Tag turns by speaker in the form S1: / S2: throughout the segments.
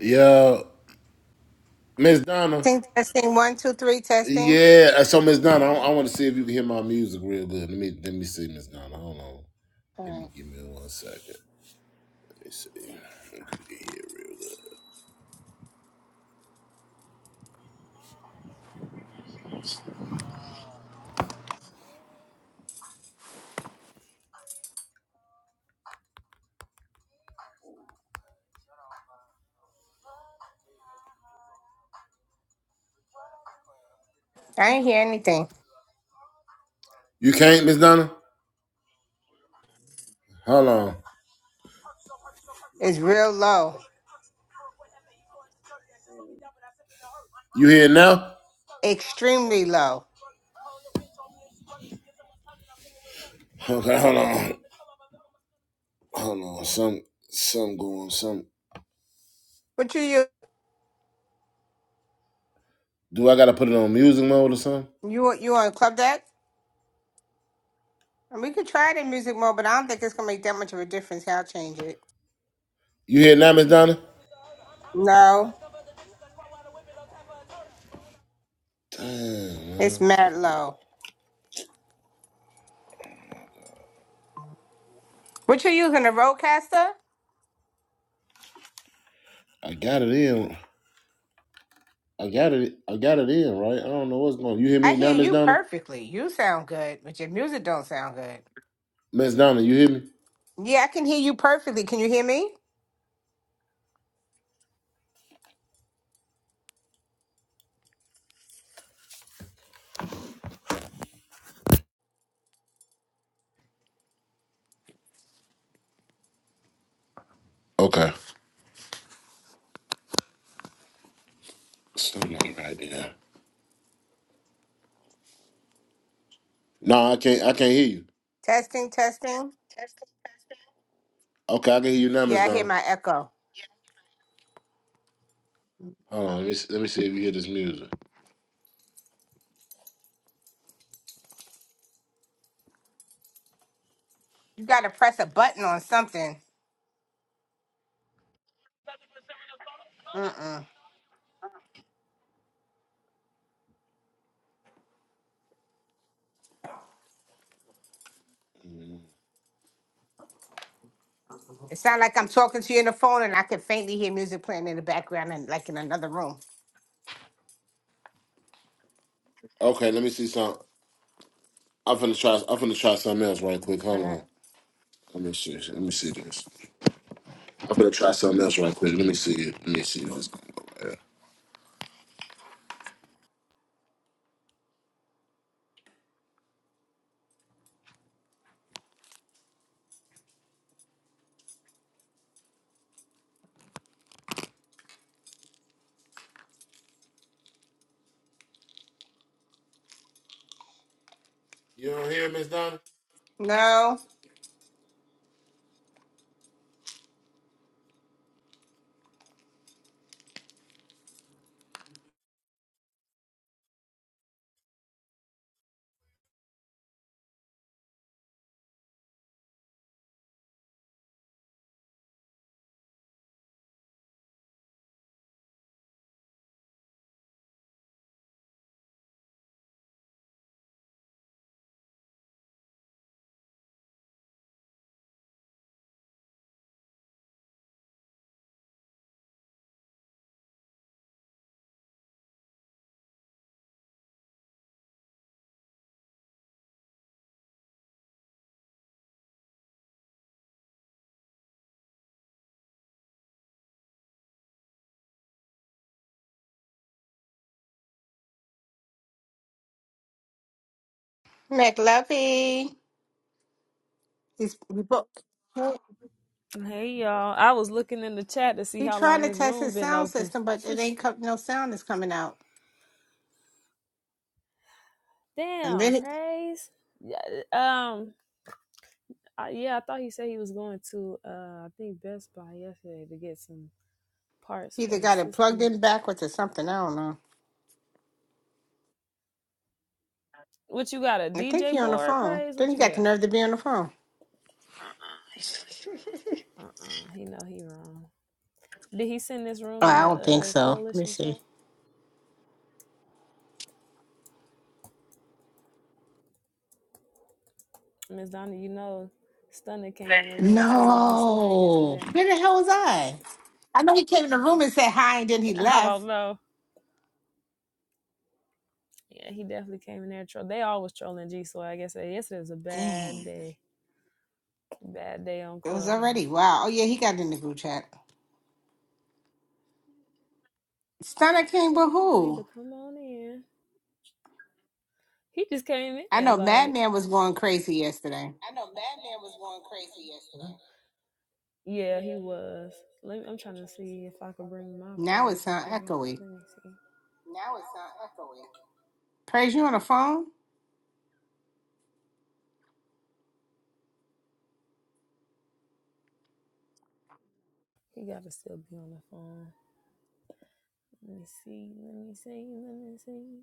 S1: Yeah, Miss Donna.
S2: Testing, testing, one, two, three, testing.
S1: Yeah, so Miss Donna, I, I want to see if you can hear my music real good. Let me let me see, Miss Donna. Hold on.
S2: All
S1: Give me
S2: right.
S1: give me one second. Let me see if you can hear real good.
S2: I ain't hear anything.
S1: You can't, Miss Donna. Hold on.
S2: It's real low,
S1: You hear now?
S2: extremely low.
S1: Okay, hold on. Hold on. Some some going. Some.
S2: What you you
S1: Do I gotta put it on music mode or something?
S2: you you on club deck? And we could try it in music mode, but I don't think it's gonna make that much of a difference. I'll change it.
S1: You hear now, Miss Donna?
S2: No,
S1: Damn,
S2: it's
S1: man.
S2: mad low. What you using a roadcaster?
S1: I got it in. I got it. I got it in right. I don't know what's going. on. You hear
S2: I
S1: me now,
S2: hear
S1: Miss
S2: you
S1: Donna?
S2: perfectly. You sound good, but your music don't sound good.
S1: Miss Donna, you hear me?
S2: Yeah, I can hear you perfectly. Can you hear me?
S1: Okay. Something like right there. No, I can't. I can't hear you.
S2: Testing, testing.
S1: Okay, I can hear you now, Miss
S2: Yeah, I hear
S1: Donna.
S2: my echo.
S1: Hold on. Let me see, let me see if you hear this music.
S2: You gotta press a button on something. Mm-mm. It's not like I'm talking to you on the phone and I can faintly hear music playing in the background and like in another room.
S1: Okay, let me see some. I'm finna try. I'm finna try something else right quick. Hold
S2: Uh,
S1: on. Let me see. Let me see this. I'm finna try something else right quick. Let me see. it. Let me see what's going on. Right here. You don't hear Miss Donna?
S2: no, McLuffy. He's he bo-
S3: Hey y'all, I was looking in the chat to see
S2: he
S3: how
S2: trying
S3: long
S2: to
S3: this
S2: test
S3: room
S2: his
S3: been
S2: sound
S3: open.
S2: system, but it ain't co- no sound is coming out. And
S3: Damn,
S2: then he
S3: praise. Yeah, um, I, yeah, I thought he said he was going to uh, I think Best Buy yesterday to get some parts
S2: he
S3: for
S2: either
S3: his
S2: got it plugged
S3: system.
S2: in backwards or something. I don't know.
S3: What you got? A
S2: I think
S3: DJ
S2: he on the
S3: board,
S2: phone.
S3: praise?
S2: Then
S3: What
S2: he
S3: you
S2: got the
S3: got?
S2: nerve to be on the phone.
S3: Uh, uh he know he wrong. Did he send this
S2: Oh,
S3: room in
S2: I
S3: the
S2: don't think
S3: uh,
S2: so. Let me
S3: coalition chat?
S2: see.
S3: Miss Donna, you know, Stunner came in the room trolling G Swag
S2: No,
S3: yesterday.
S2: where the hell was I? I know he came in the room and said hi, and then he
S3: I don't
S2: left.
S3: know. Yeah, he definitely came in there troll. They always trolling G, so I guess uh, yesterday was a bad
S2: Dang.
S3: day. Bad day on
S2: It was
S3: Clubhouse.
S2: already. Wow. Oh yeah, he got in the group chat. Stunner King,
S3: Yeah,
S2: but
S3: these people need to
S2: who?
S3: come on in. He just came
S2: I
S3: in
S2: know
S3: like,
S2: Madman was going crazy yesterday.
S3: yeah, he was. Let me, I'm trying to see if I can bring my
S2: Now it
S3: page up
S2: sound
S3: here.
S2: echoey.
S3: Let me see.
S2: Praise you on the phone?
S3: He gotta still be on the phone. Let me see. Let me see. Let me see.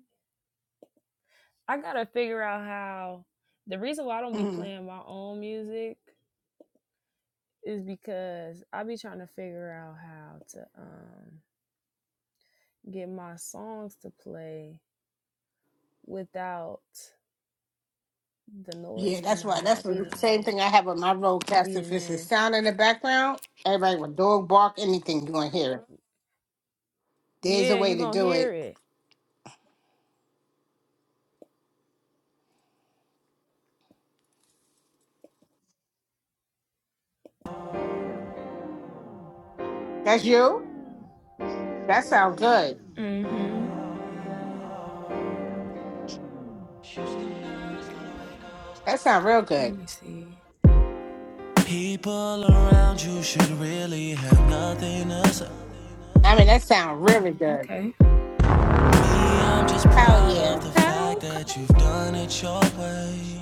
S3: I gotta figure out how. The reason why I don't be
S2: Mm.
S3: playing my own music is because I be trying to figure out how to um get my songs to play without the noise
S2: Yeah,
S3: from
S2: that's
S3: my
S2: why. That's the
S3: background
S2: same thing I have with my roadcast. If
S3: feeding
S2: it's a
S3: in.
S2: sound in the background, everybody with dog bark, anything you want to hear. There's a
S3: Yeah,
S2: way
S3: you
S2: to
S3: gonna
S2: do
S3: hear
S2: it.
S3: it.
S2: That's you? That sounds good.
S3: hmm
S4: Mm-hmm.
S2: That sounds real good.
S4: Let me see. People around you should really have nothing to say.
S2: I mean, that sounds really good.
S4: Okay. Me, I'm just
S2: Hell
S4: proud of okay. the
S2: yeah.
S4: Okay. fact Okay. that you've done it your way.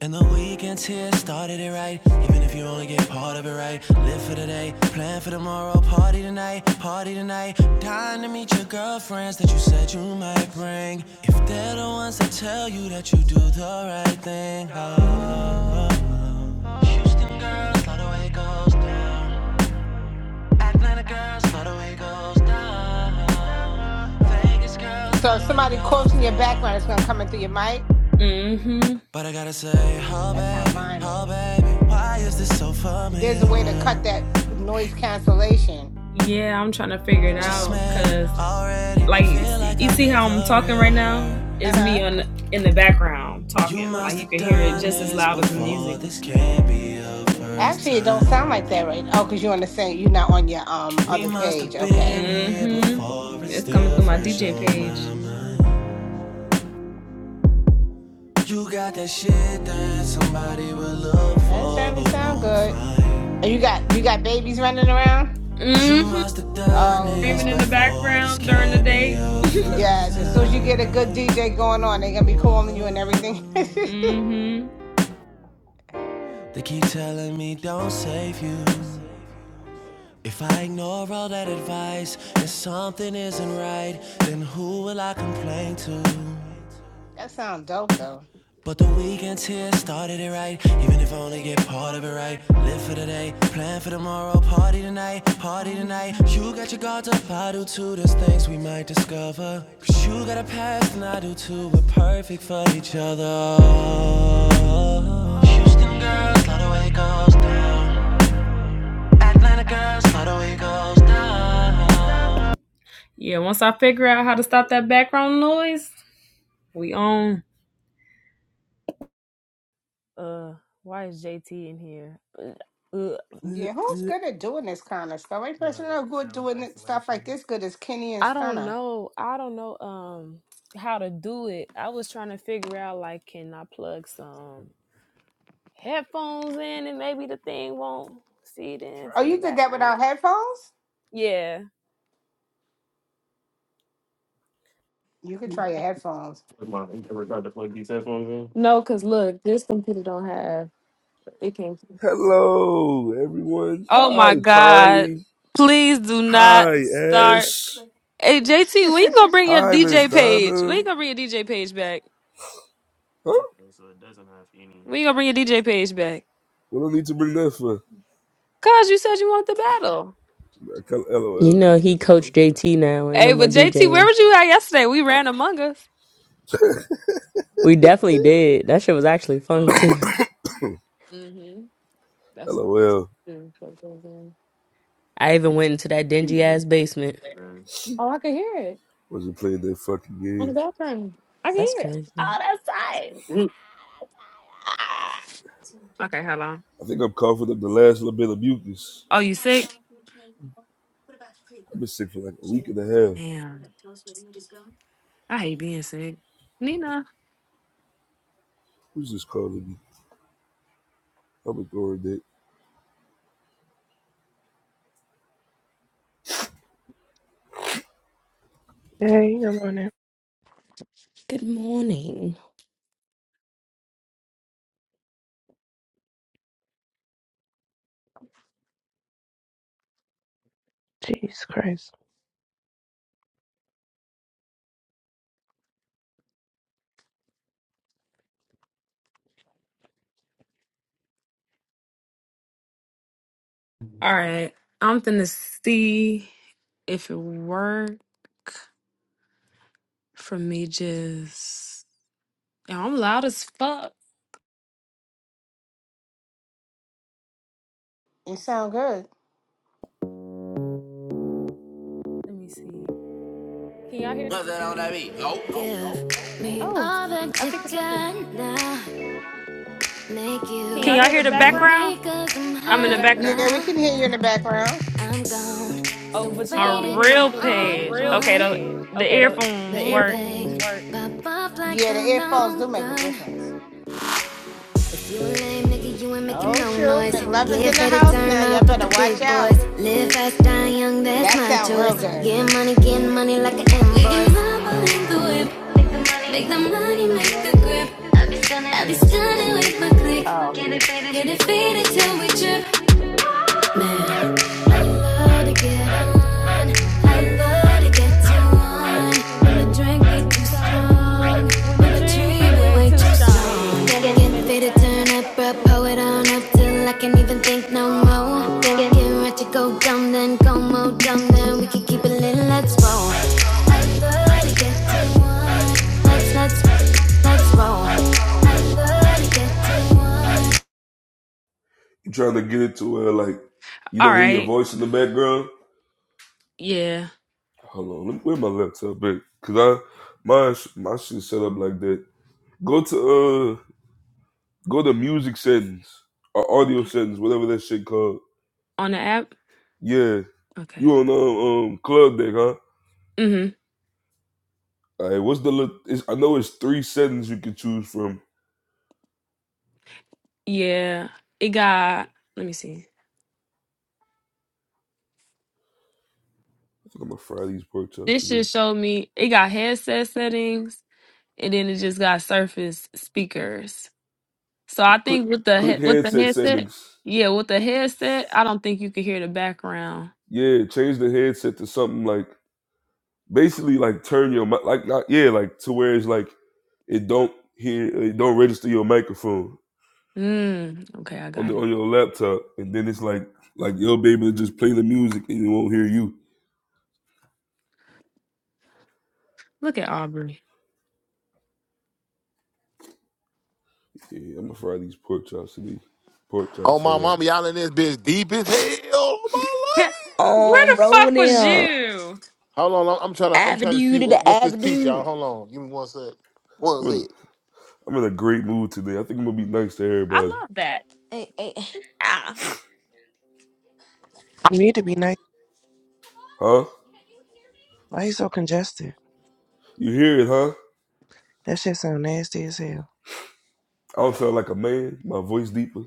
S4: And the weekend's here, started it right. Even if you only get part of it right. Live for today, plan for tomorrow. Party tonight, party tonight. Dying to meet your girlfriends that you said you might bring. If they're the ones that tell you that you do the right thing. Oh, oh, oh. Houston girls, love the way it goes down. Atlanta girls, love the way it goes down. Vegas girls,
S2: So
S4: love
S2: if
S4: the way it
S2: somebody
S4: goes
S2: coughs in your
S4: down.
S2: background, it's going to come in through your mic?
S4: Mm-hmm. But I gotta say, oh
S2: That's how
S4: baby,
S2: mine
S4: oh
S2: is.
S4: baby, why is this so
S2: There's
S4: familiar?
S2: a way to cut that noise cancellation.
S4: Yeah, I'm trying to figure it out because, like, like you see how I'm talking right now?
S2: Uh
S4: It's me
S2: huh.
S4: on the, in the background talking. Like you can hear it just as loud as the music. This can't be your first
S2: Actually, it don't sound like
S4: time.
S2: that, right? Oh, because you're on the same. You're not on your um
S4: We
S2: other
S4: must
S2: page.
S4: have been
S2: Okay,
S4: Mm-hmm. before. It's It's coming through my DJ page. You got that shit that somebody will look
S2: that
S4: for
S2: certainly
S4: but
S2: sound
S4: won't
S2: good.
S4: find.
S2: And You got you got babies running around.
S4: Mm-hmm.
S2: Oh
S4: Screaming in the
S2: Lord,
S4: background during the day.
S2: yes. As soon as you get a good DJ going on, they're gonna be calling you and everything. that
S4: mm-hmm. They keep telling me don't save you. If I ignore all that advice and something isn't right, then who will I complain to?
S2: sounds dope though.
S4: But the weekend's here, started it right. Even if I only get part of it right. Live for today, plan for tomorrow. Party tonight, party tonight. You got your guards up, I do too. There's things we might discover. Cause you got a past and I do too. We're perfect for each other. Houston girls, love the way it goes down. Atlanta girls, love the way it goes down. Yeah, once I figure out how to stop that background noise, we on.
S3: Uh, why is JT in here? Uh,
S2: Yeah, who's
S3: uh,
S2: good at doing this kind of stuff? Any person that's good at doing it- stuff like this good is Kenny and
S3: I don't
S2: Stunner.
S3: know. I don't know. Um, how to do it? I was trying to figure out like, can I plug some headphones in and maybe the thing won't feed in right.
S2: Oh,
S3: from the
S2: you did that without
S3: background?
S2: headphones?
S3: Yeah.
S2: You could try your headphones.
S3: in No, cause look, this computer don't have it can't.
S5: Hello, everyone.
S3: Oh my
S5: Hi,
S3: God.
S5: Charlie.
S3: Please do
S5: Hi,
S3: not start.
S5: Ash.
S3: Hey, JT, w'e gonna bring your
S5: Hi, Miss
S3: DJ page? W'e
S5: Donna.
S3: gonna bring your DJ page back?
S5: Huh?
S3: W'e gonna bring your DJ page back?
S5: We don't need to bring that for.
S3: Cause you said you want the battle.
S5: I
S6: You
S5: LOL.
S6: know, he coached JT now ain't no
S3: Hey,
S6: more
S3: but JT, where
S6: DJing.
S3: was you at yesterday? We ran Among Us.
S6: We definitely did. That shit was actually fun too.
S3: hmm That's all.
S5: LOL.
S3: Mm, but it in.
S6: I even went into that dingy ass basement.
S3: Oh, I can hear it
S5: Wasn't playing that fucking
S3: on the
S5: game.
S3: background. I can
S6: That's
S3: hear it.
S6: crazy.
S3: Okay, hold on.
S5: I think I'm coughing up the last little bit of mucus.
S3: Oh, you sick?
S5: I've been sick for like a week and a half.
S3: Damn. I hate being sick. Nina.
S5: Who's just calling me? I'm ignoring that.
S7: Hey, I'm on it.
S6: Good morning.
S7: Jesus Christ.
S3: All right. I'm finna see if it work for me just Yo, I'm loud as fuck.
S2: You sound good.
S4: Let me see. Can y'all hear? Mother- Oh, I think it's me. Can you
S3: Can
S4: all
S3: y'all
S4: hear the
S3: hear the
S4: background?
S3: background?
S4: i am in the
S3: I'm in the
S4: background.
S3: background.
S2: Yeah, we can hear you in the background.
S4: Oh, So but you
S3: A
S4: gonna hear it
S3: real
S4: through my
S3: page.
S4: real one.
S3: Okay, the the
S4: Okay, the the
S3: earphones
S4: Bang,
S3: work.
S4: earphones work. like
S2: Yeah, the earphones do make a difference.
S4: Lame nigga, you ain't making
S2: Oh
S4: no
S2: shoot,
S4: noise.
S2: McLovin's
S4: Get
S2: in the
S4: fed to
S2: house
S4: turn
S2: now. Y'all
S4: up with the
S2: better watch
S4: big boys.
S2: out.
S4: Live fast, die young, that's
S2: That
S4: my
S2: sound real
S4: choice.
S2: good.
S4: Get money, get money like an invoice. We can hop in the whip. Make the money, make the grip. I'll be stunning, I'll be stunning with my click.
S2: Oh.
S4: Get it faded, get it faded till we trip. Man. I love to get you on. When the drink get too strong. When the treatment way too strong. Get, get to turn up, bro. Pull it on up till I can't even think no more. Get, get right to go dumb, then go more dumb, then we can keep it lit. Let's roll. I love to get you on. Let's, let's, let's roll. I love to get you on.
S5: You trying to get it to where like you
S3: All
S5: don't hear your
S3: right.
S5: voice in the background?
S3: Yeah.
S5: Hold on, let me wear my laptop back. Cause I my my shit set up like that. Go to uh, Go to music settings or audio
S3: Okay.
S5: settings, whatever that shit called.
S3: On the app?
S5: Yeah, you
S3: Okay.
S5: on um, um club deck, huh?
S3: Mm-hmm.
S5: All right, what's the? Li- it's, I know it's three settings you can choose from.
S3: Yeah. It got let me see.
S5: I think I'm gonna fry these pork chops
S3: This
S5: today.
S3: just showed me it got headset settings and then it just got surface speakers. So I
S5: Click,
S3: think with the
S5: click
S3: he- with the
S5: headset
S3: headset,
S5: settings.
S3: yeah, with the headset, I don't think you could hear the background.
S5: Yeah, change the headset to something like basically like turn your mi- like not yeah like to where it's like it don't hear it don't register your microphone
S3: Mm, okay, I
S5: on the
S3: got it.
S5: on your laptop, and then it's like like you'll be able to just play the music and it won't hear you.
S3: Look at Aubrey.
S5: Yeah, I'm gonna fry these pork chops today. Pork chop
S1: Oh my mama,
S5: sandwich.
S1: y'all in this bitch deep as hell. Oh my
S3: Where
S1: life.
S8: um
S3: the
S8: roll
S3: fuck was
S8: down
S3: you?
S1: Hold on. I'm I'm trying to. I'm trying to see
S8: avenue to
S1: what,
S8: the
S1: what's this piece, y'all.
S8: avenue.
S1: Hold on. Give me one sec. One
S5: I'm in a
S1: sec.
S5: I'm in a great mood today. I think I'm gonna be nice to
S3: I
S5: everybody.
S3: love that.
S8: Hey, hey,
S3: Ah.
S7: You need to be nice.
S5: Huh?
S7: Why you so congested?
S5: You hear it, huh?
S7: That shit sound nasty as hell.
S5: I don't sound like a man. My voice deeper.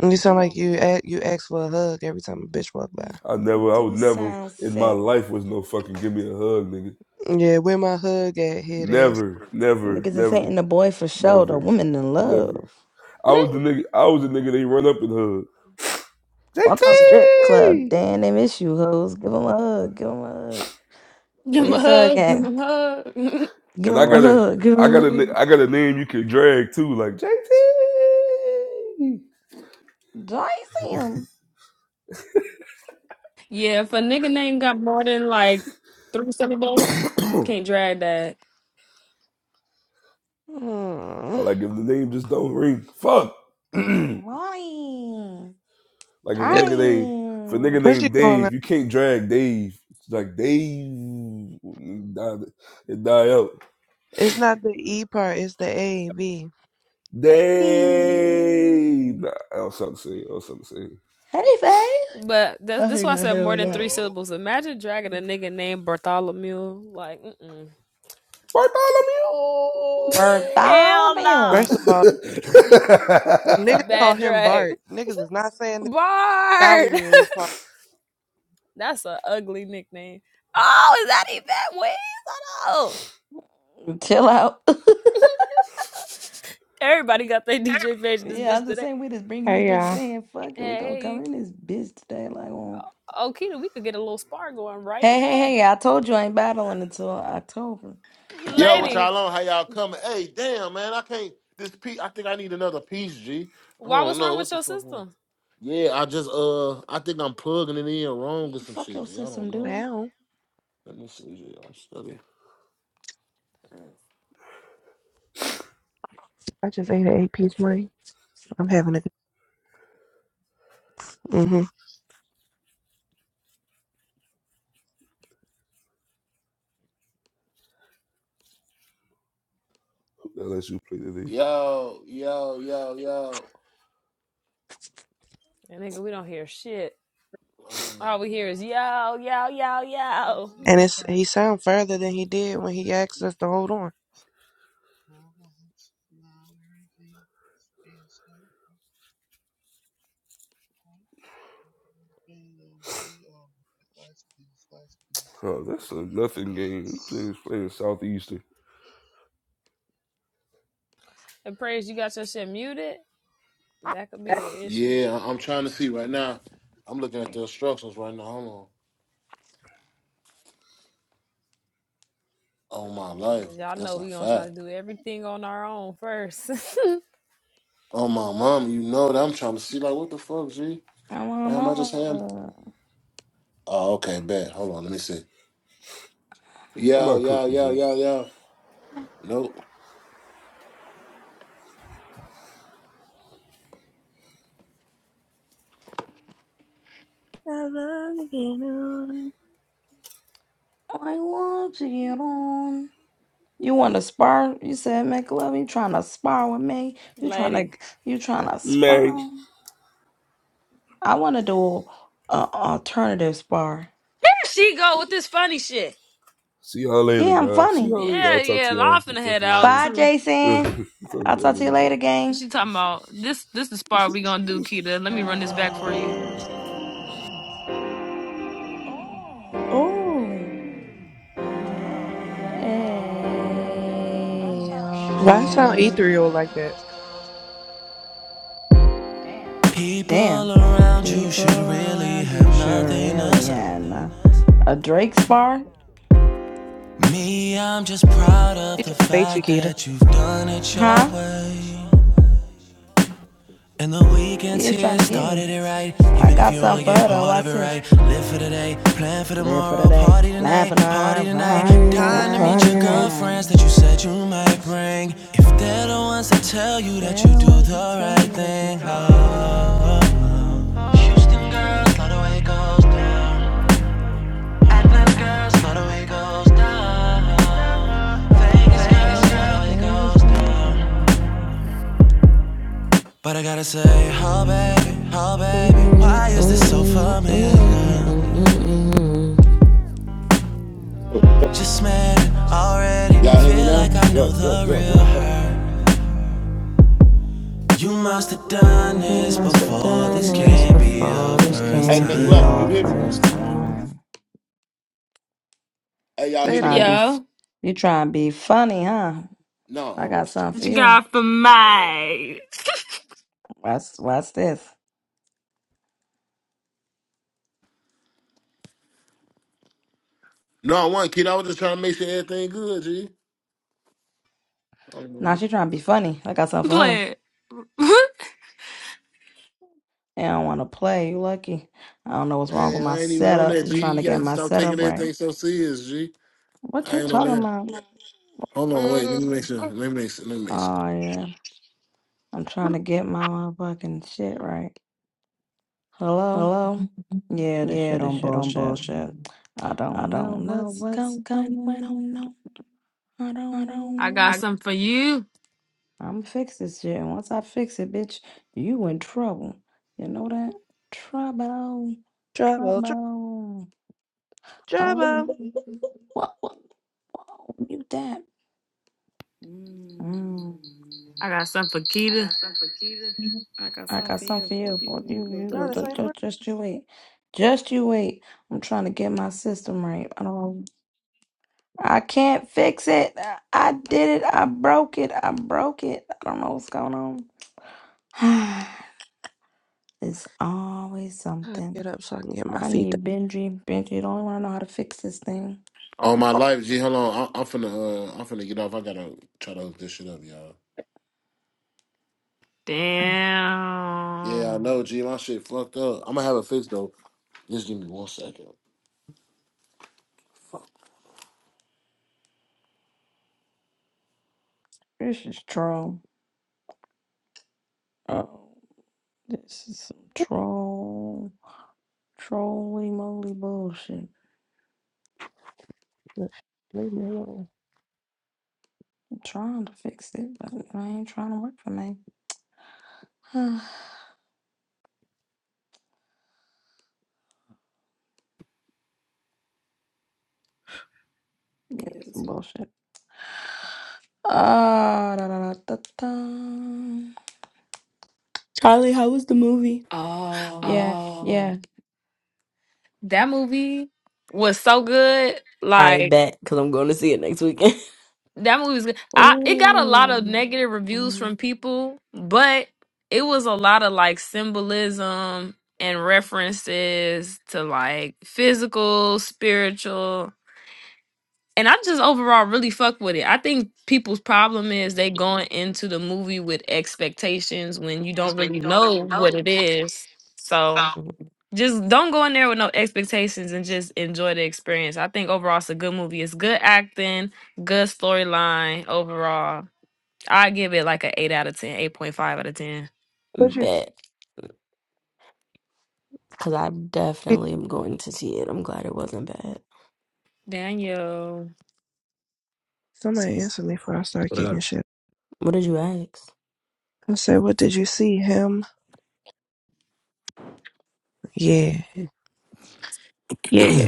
S7: You sound like
S8: ew,
S7: you a you ask for a hug every time a bitch walk by.
S5: I
S8: you
S5: never I would
S8: do
S5: never
S8: sound
S5: in my
S8: sick.
S5: life was no fucking give me a hug, nigga.
S7: Yeah, where my hug at, head ass?
S5: Never, never,
S8: Niggas is hating
S5: never,
S8: the boy for sure. The
S5: never,
S8: woman in
S5: never.
S8: love.
S5: I was the nigga I was the nigga they run up and hug.
S8: Walk the
S3: Oh no.
S8: strip club.
S5: JT
S8: Damn, they miss you, hoes. Give him a hug. Give him a hug.
S3: Give him a
S8: Where's hug
S3: hug. Give
S8: at?
S3: him a hug.
S8: Give
S5: And I
S8: him a
S5: got a
S8: hug. Give
S5: I
S8: him a
S5: got a na-
S8: hug.
S5: I got a name you can drag too, like
S8: Joyce him.
S3: yeah, if a nigga name got more than like three syllables,
S5: JT
S3: you can't drag that.
S7: Hmm.
S5: Or like if the name just don't ring, fuck. like if
S8: Molly.
S5: a nigga name, if a
S8: Charlie.
S5: nigga
S7: What you
S5: named
S7: doing? now?
S5: Dave, you can't drag Dave. It's like Dave, it die, it die out.
S7: It's not the E part, it's the A, V.
S8: Baby.
S5: Dave, nah, I was something to say. I was something to say.
S8: Hey, babe.
S3: But that's
S8: I
S3: this why
S8: think
S3: I
S8: I
S3: said
S8: hear
S3: more
S8: it
S3: than
S8: now.
S3: three
S9: Yo.
S3: syllables. Imagine dragging a nigga named Bartholomew. Like, mm-mm.
S5: Bartholomew.
S3: hell no.
S8: Bartholomew.
S7: First of all,
S3: It's a
S7: niggas call
S3: bad
S7: him
S3: drag.
S7: Bart. Niggas is not saying the dolly
S3: Bart!
S7: mule part.
S3: That's an ugly nickname. Oh, is that even Wiz? I know.
S8: Chill out.
S3: Everybody got their DJ page in this
S8: Yeah,
S3: bitch
S8: I'm just
S3: today.
S8: saying we just bringing these
S10: Hey,
S8: bitches
S10: yeah,
S8: in here. Fuck it, we gonna come
S3: Hey,
S8: in this bitch today. Like, well,
S3: Okita, we could get a little spar going right
S8: hey, hey,
S3: now.
S8: hey! I told you I ain't battling until October. Like, I
S1: Yo, what
S8: got
S3: Lady,
S1: y'all on? How y'all coming? Hey, damn, man, I can't. This piece, I think I need another piece, G. I
S3: why
S1: don't
S3: what's
S1: know
S3: wrong with
S1: what the
S3: your
S1: fuck. On.
S3: system?
S1: Yeah, I just uh, I think I'm plugging it in
S8: yeah,
S1: wrong or some
S8: fuck
S1: shit,
S8: your
S1: G. I
S8: system,
S1: don't know.
S8: dude.
S7: How?
S1: Let me see, G. I'm studying.
S7: I just ate an eight piece wing. I'm having a. hmm
S5: Unless you play today.
S1: Yo, yo, yo, yo.
S3: And nigga, we don't hear shit.
S1: Um,
S3: All we hear is yo, yo, yo, yo.
S9: This
S7: And
S9: little
S7: it's
S9: friend,
S7: he sound further than he did when he
S9: last
S7: asked us
S9: please,
S7: to
S9: like,
S7: hold on.
S9: now once, now everything is being so far. It'll be um, last please, last please.
S5: Oh, that's a
S9: The
S5: nothing game.
S9: lights.
S5: Playing, playing Southeastern.
S3: And praise you got your shit muted. That could be an issue.
S1: yeah, I- I'm trying to see right now. I'm looking at the instructions right now. Hold on. On my
S3: Man,
S1: life,
S3: 'cause y'all
S1: that's
S3: know
S1: a
S3: we gonna try to
S1: fact.
S3: do everything on our own first.
S1: On my mom, you know that I'm trying to see like what the fuck, G.
S8: I want
S1: Damn,
S8: my
S1: I just had.
S8: love.
S1: Oh, okay, bet. Hold on, let me see.
S5: I'm
S1: Yo,
S5: not
S1: yo,
S5: cooking,
S1: yo, yo, yo. Nope.
S7: I love you,
S8: I want to get on. You want to spar? You said make love. You trying to spar with me? You trying
S3: Lady.
S8: to you trying to
S5: man.
S8: spar? I want to do a alternative spar.
S3: There she go with this funny shit.
S5: See y'all later,
S8: Yeah, I'm
S5: guys. See
S8: funny.
S5: y'all later.
S3: Yeah,
S5: I'll talk to
S3: yeah. I'm
S5: y'all. I'll
S3: finna
S5: talk
S3: head
S5: to y'all
S3: out
S5: later.
S8: Bye,
S3: too.
S8: Jason. I'll talk to you
S5: Hallelujah.
S8: later, gang.
S3: She talking about this this the spot we gonna do, Keita. Let me run this back for you.
S8: Ooh. Hey,
S7: Why it sound
S8: um,
S7: ethereal like that?
S8: damn.
S4: People around you
S8: People
S4: should really
S8: around
S4: have
S8: you sure
S4: nothing to
S8: really
S4: say.
S8: had na- a Drake spar,
S4: Me, I'm just proud of
S7: He
S4: the
S7: trying to bait you,
S4: fact
S7: Keita.
S4: that you've done it your
S8: huh?
S4: way. And the
S8: She
S4: weekend's
S8: is trying
S4: here,
S8: to get me.
S4: started it right.
S8: I
S4: Even if
S8: got
S4: you only
S8: something for
S4: get
S8: her though.
S4: part of
S8: Watch
S4: it
S8: this.
S4: right. Live for today, plan for
S8: Live for the
S4: tomorrow,
S8: day,
S4: party tonight,
S8: laughing
S4: party
S8: on,
S4: tonight.
S6: Party
S8: right,
S6: tonight,
S4: Dying to meet
S6: party
S4: your
S6: tonight.
S4: girlfriends
S8: right.
S4: that you said you might bring. If they're the ones that tell you that
S8: They're
S4: you
S8: the
S4: do
S8: ones that
S4: the
S8: tell
S4: right
S8: you that they
S4: thing.
S8: do
S4: oh,
S8: better.
S4: oh, oh. Houston
S8: Mm-hmm.
S4: girls, love the way it goes down. Atlanta girls, love the way it goes down. Vegas girls, love the way it
S8: Biggest
S4: goes
S8: girls, what do
S4: down.
S8: I go from?
S4: But I gotta say, oh baby, oh baby,
S6: Mm-mm,
S4: why is this so
S6: mm-mm,
S8: I
S4: familiar?
S8: is
S6: mm-mm,
S8: it so funny.
S6: mm-mm,
S4: Just met it already,
S1: Y'all hear
S6: mm-mm,
S1: me
S4: feel
S1: now?
S4: like I know
S1: Yo,
S6: mm-mm.
S4: the
S1: yo, yo, yo,
S4: real
S8: Why
S1: yo.
S8: can
S4: her.
S8: I do nothing?
S4: You must have done
S6: You
S8: She
S4: this
S6: must
S8: must have
S6: have
S4: before,
S6: done
S4: this
S8: done it.
S6: this
S4: can't be your
S6: before. This
S8: This
S4: first
S1: Hey,
S6: can't
S8: can't
S6: be
S8: be
S1: McLovin,
S6: your
S1: you
S8: our
S4: time.
S1: hear me?
S6: first
S8: first
S6: time.
S8: time.
S1: Hey, y'all
S8: You
S7: Say
S1: hear
S7: it
S1: me
S8: trying to
S1: now?
S8: be,
S7: again.
S8: f-
S3: Yo.
S8: you trying to be funny, huh?
S1: No,
S8: I
S1: I'm going
S8: got
S1: to tell you
S8: something for
S3: What you
S1: next one.
S8: you.
S3: got for
S1: Hold on, wait.
S3: my
S8: What's, what's this.
S1: No, I want kid. I was just trying to make sure everything good, G.
S8: Now
S1: Um,
S8: she trying to be funny. I got something for her.
S3: plan?
S8: They don't want to play. You lucky. I don't know what's wrong with
S1: Man,
S8: my
S1: I ain't even on
S8: setup.
S1: that,
S8: I'm
S1: G.
S8: trying to
S1: You
S8: get
S1: gotta
S8: my
S1: stop taking
S8: setup right.
S1: everything so serious, G.
S8: What
S1: I
S8: you
S1: ain't on
S8: talking
S1: that.
S8: about?
S1: Hold on,
S8: Oh
S1: wait. Let
S7: Mm,
S1: me make
S8: yeah.
S1: sure. Let me make sure. Let me make sure.
S8: Oh yeah. I'm trying to get my motherfucking shit right. Hello? Yeah, this shit on bullshit. I don't know what's going on. I don't know.
S3: I got something for you.
S8: I'm fix this shit. And once I fix it, bitch, you in trouble. You know that? Trouble.
S7: Trouble, tr-
S8: Trouble. Oh,
S7: trouble.
S8: whoa, whoa, whoa. You that? Mm.
S3: I got something for Keita.
S8: I got something for you, but you, you, go
S7: Y'all the
S8: ju-
S7: same
S8: ju-
S7: word.
S8: just you wait. Just you wait. I'm trying to get my system right. I don't, I can't fix it. I I did it. I broke it. I broke it. I don't know what's going on. It's always something.
S7: Get up so I can get my
S8: I
S7: feet
S8: need Benji. Benji, the only one I know how to fix this thing.
S1: All my life, G. Hold on. I, I'm finna, uh, I'm finna get off. I gotta try to hook this shit up, y'all. Yeah, I
S3: Damn.
S1: know, G. My shit fucked up. I'm gonna have it fixed though. Just give me one second.
S8: This is troll. Oh, this is some troll, trolly moly bullshit.
S7: Leave me alone.
S8: I'm trying to fix it, but it ain't trying to work for me. yeah, it's some bullshit. Ah, da, da, da, da, da.
S6: Charlie, how was the movie?
S3: Oh.
S8: Yeah.
S3: That movie was so good.
S6: All right,
S3: Like
S6: bet, because I'm going to see it next week.
S3: That movie was good. I it got a lot of
S8: Ooh.
S3: negative reviews
S8: Mm,
S3: from people, but it was a lot of like symbolism and references to like physical, spiritual, and I just overall really fuck with it. I think people's problem is they going into the movie with expectations when you don't really know what it is. So
S6: Mhm.
S3: just don't go in there with no expectations and just enjoy the experience. I think overall it's a good movie. It's good acting, good storyline overall. I give it like a 8 out of ten, eight point five out of 10.
S7: What you?
S6: Bet. Because I definitely am going to see it. I'm glad it wasn't bad.
S3: Daniel
S7: Somebody answer me before I start kicking shit.
S6: What did you ask?
S7: I said, "What did you see him?" Yeah. Yeah,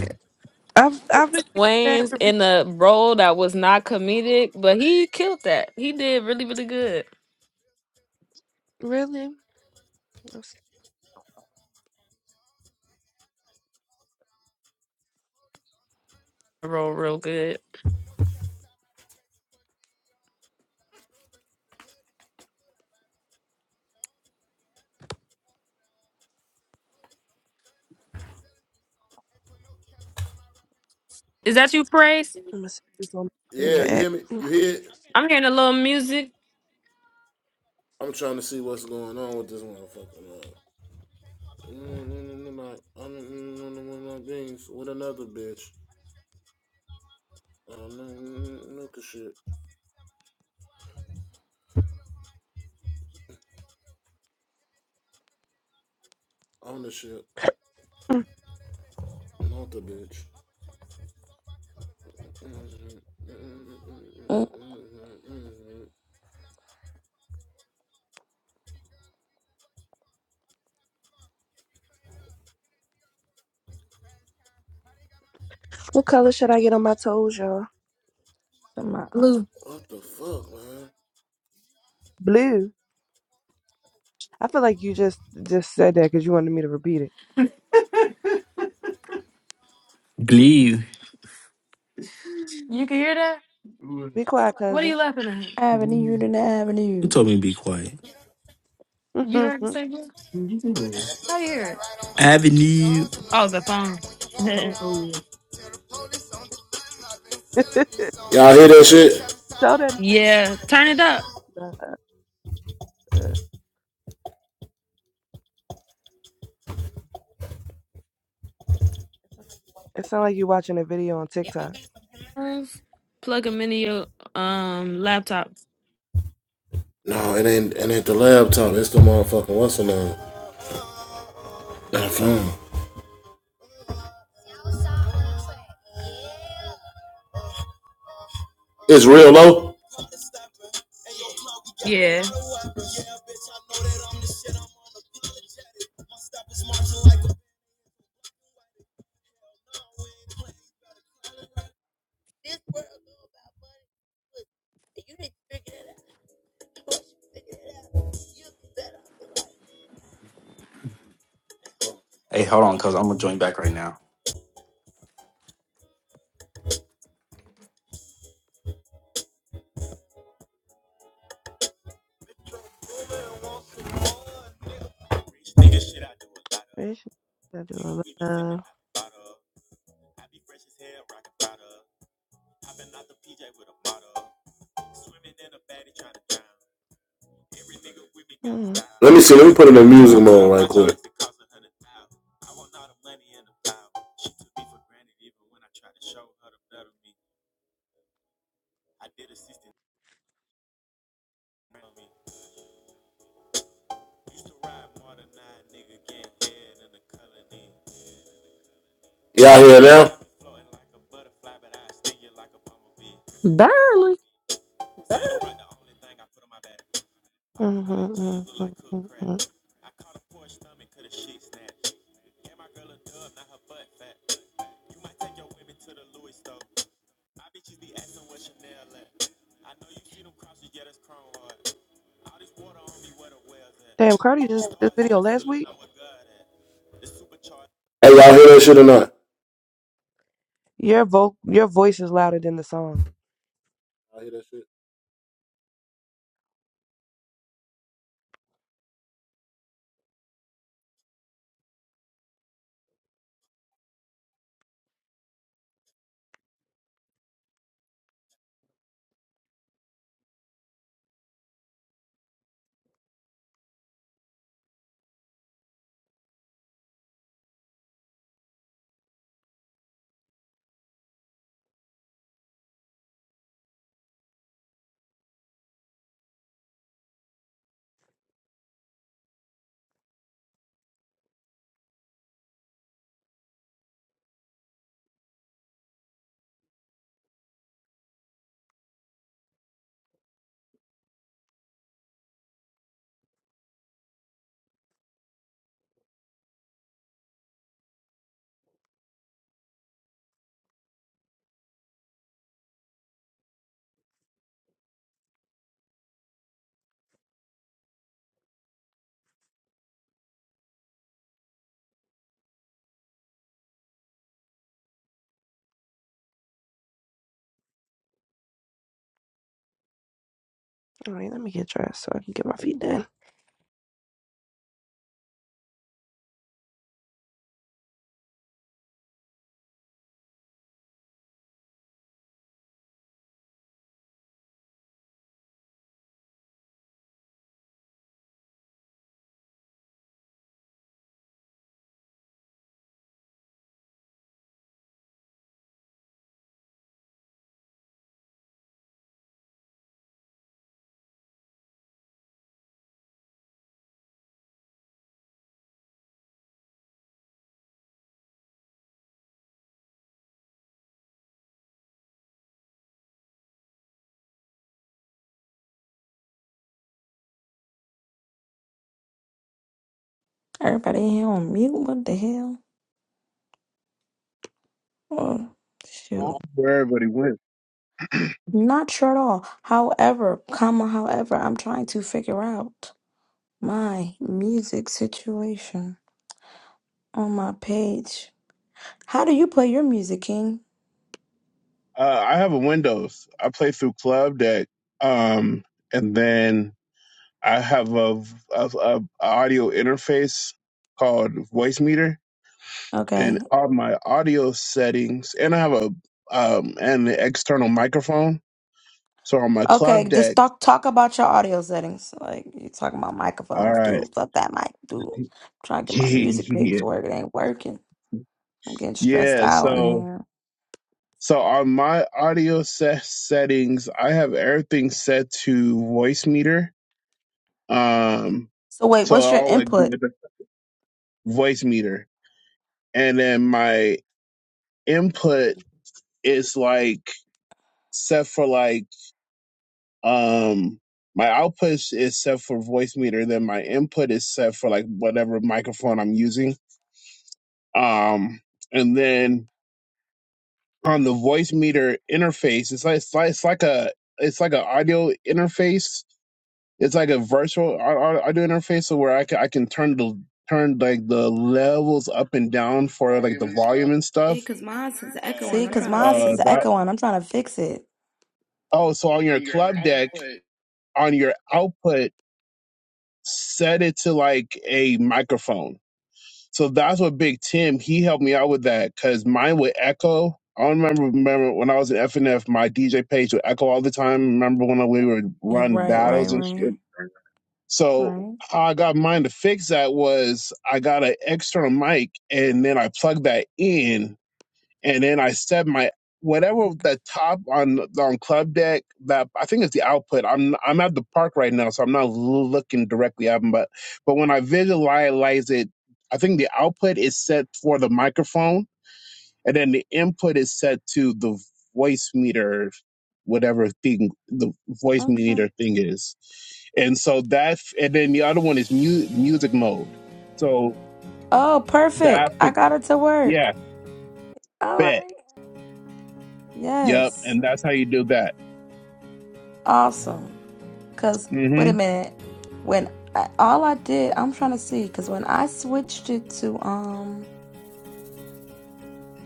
S7: I've I've been getting that
S3: Wayne's
S7: review.
S3: in a role that was not comedic, but he killed that. He did really, really good.
S7: Really? I'm s-
S3: The Role real good. Is that you, Praise?
S7: I'm gonna see this on my
S1: Yeah,
S7: streaming
S1: you
S7: app.
S1: hear me? You hear it?
S3: I'm hearing a little music.
S1: I'm trying to see what's going on with this motherfucker. I'm beings with another bitch. Look at shit. On the ship. Not the bitch.
S8: mm,
S7: What color should I get on my toes, y'all?
S8: so
S3: Lou,
S1: What the fuck, man?
S7: Blue. I feel like you just just said that because you wanted me to repeat it.
S11: Glee,
S3: you can hear that?
S7: Be quiet,
S3: What are
S7: cousin.
S3: you laughing at?
S8: Avenue to the
S11: You
S8: Avenue.
S11: told me to be quiet.
S3: You heard the same thing? How you hear it?
S11: Avenue.
S3: Oh, the phone.
S7: Tell
S1: Y'all hear that shit?
S7: that.
S3: Yeah, turn it up.
S7: Uh, uh, it sounds like you watching a video on TikTok.
S3: Guys, Plug them into your um laptop.
S1: No, it ain't it ain't the laptop. It's the motherfucking what's the name? That phone. It's real low.
S3: Yeah.
S11: Hey, hold on, cause I'm gonna join back right now.
S7: Where should I do a love? Mm,
S1: Let me
S7: mm,
S1: see. Let me
S7: mm,
S1: put it in music
S7: mm,
S1: mode right quick. Y'all hear it now?
S6: Barely.
S7: mm, mm, mm, mm. Damn, Cardi just did this video last week.
S1: Hey, y'all hear that shit or not?
S7: Your vo your voice is louder than the song.
S1: I hear that shit.
S7: All right, let me get dressed so I can get my feet done.
S8: Everybody in here on mute? What the hell? Oh, shoot.
S9: Oh, where everybody went.
S8: Not sure at all. However, comma, however, I'm trying to figure out my music situation on my page. How do you play your music, King?
S9: Uh, I have a Windows. I play through Club Deck, um, and then I have a, a, a audio interface called Voice Meter and
S8: Okay.
S9: all my audio settings, and I have a um an external microphone. So on my club
S8: Okay, just
S9: deck,
S8: talk talk about your audio settings. Like you talking about
S9: all
S8: microphones,
S9: right,
S8: dude. Fuck that mic, dude. trying to get my music page
S9: yeah,
S8: to work. It ain't working. I'm getting stressed
S9: yeah.
S8: out in
S9: So
S8: here.
S9: so on my audio set settings, I have everything set to voice meter. Um,
S8: So wait,
S9: so
S8: what's your
S9: I'll like do
S8: input?
S9: it voice meter, and then my input is like set for like Um, my output is is set for voice meter, then my input is set for like whatever microphone I'm using. Um, and then on the voice meter interface, it's like it's like, it's like a it's like an audio interface. It's like a virtual au- au- audio interface, so where I can I can turn the turn like the levels up and down for like
S12: volume
S9: the
S12: and stuff
S9: volume and stuff.
S8: See, cause mine's
S9: Uh,
S8: is
S9: that
S8: echoing. I'm trying to fix it.
S9: oh, so on your
S12: on your
S9: club deck
S12: output.
S9: on your output, set it to like a microphone So that's what Big Tim he helped me out with that because mine would echo. I don't remember remember when I was in FNF, my DJ page would echo all the time. Remember when we would
S8: Yeah,
S9: run
S8: Right, right,
S9: battles and
S8: right,
S9: shit. So
S8: right.
S9: how I got mine to fix that was I got an external mic and then I plugged that in and then I set my whatever the top on on club deck that I think it's the output. I'm I'm at the park right now, so I'm not l- looking directly at them, but but when I visualize it, I think the output is set for the microphone, and then the input is set to the voice meter, whatever thing the voice
S8: Okay.
S9: meter thing is, and so that and then the other one is mu- music mode. So
S8: Oh,
S9: that
S8: perfect. I got it to work.
S9: yeah,
S8: All
S9: bet.
S8: right.
S9: Yep,
S8: Yes.
S9: and that's how you do that.
S8: Awesome. Cause wait
S9: hmm
S8: a minute. When I, all I did, I'm trying to see. Cause when I switched it to um,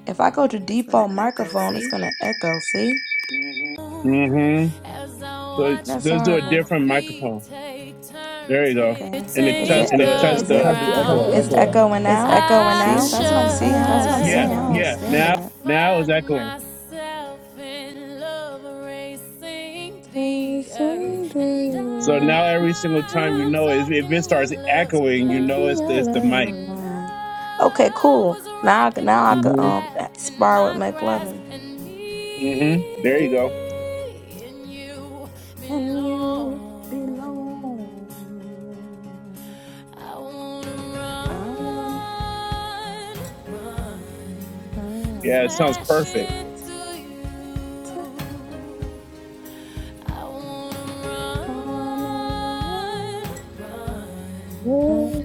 S8: if I go to default microphone, it's gonna echo. See?
S9: hmm So
S8: That's
S9: just do a
S8: horrible.
S9: different microphone. There you go.
S8: Okay.
S9: And it cuts
S8: Is it?
S9: the, the it cuts the echo out.
S8: It's echoing now. See? That's what I'm saying. I don't
S9: Yeah.
S8: understand
S12: Now
S9: Now it's echoing. So
S8: that.
S9: now every single time you know it, if it starts echoing, you know it's the, it's the mic.
S8: Okay, cool. Now I can, now I could
S9: hmm
S8: um spar with McLovin.
S9: hmm There you go.
S8: And you belong. I want.
S9: Yeah, it
S8: Hmm.
S9: sounds perfect.
S8: I wanna run.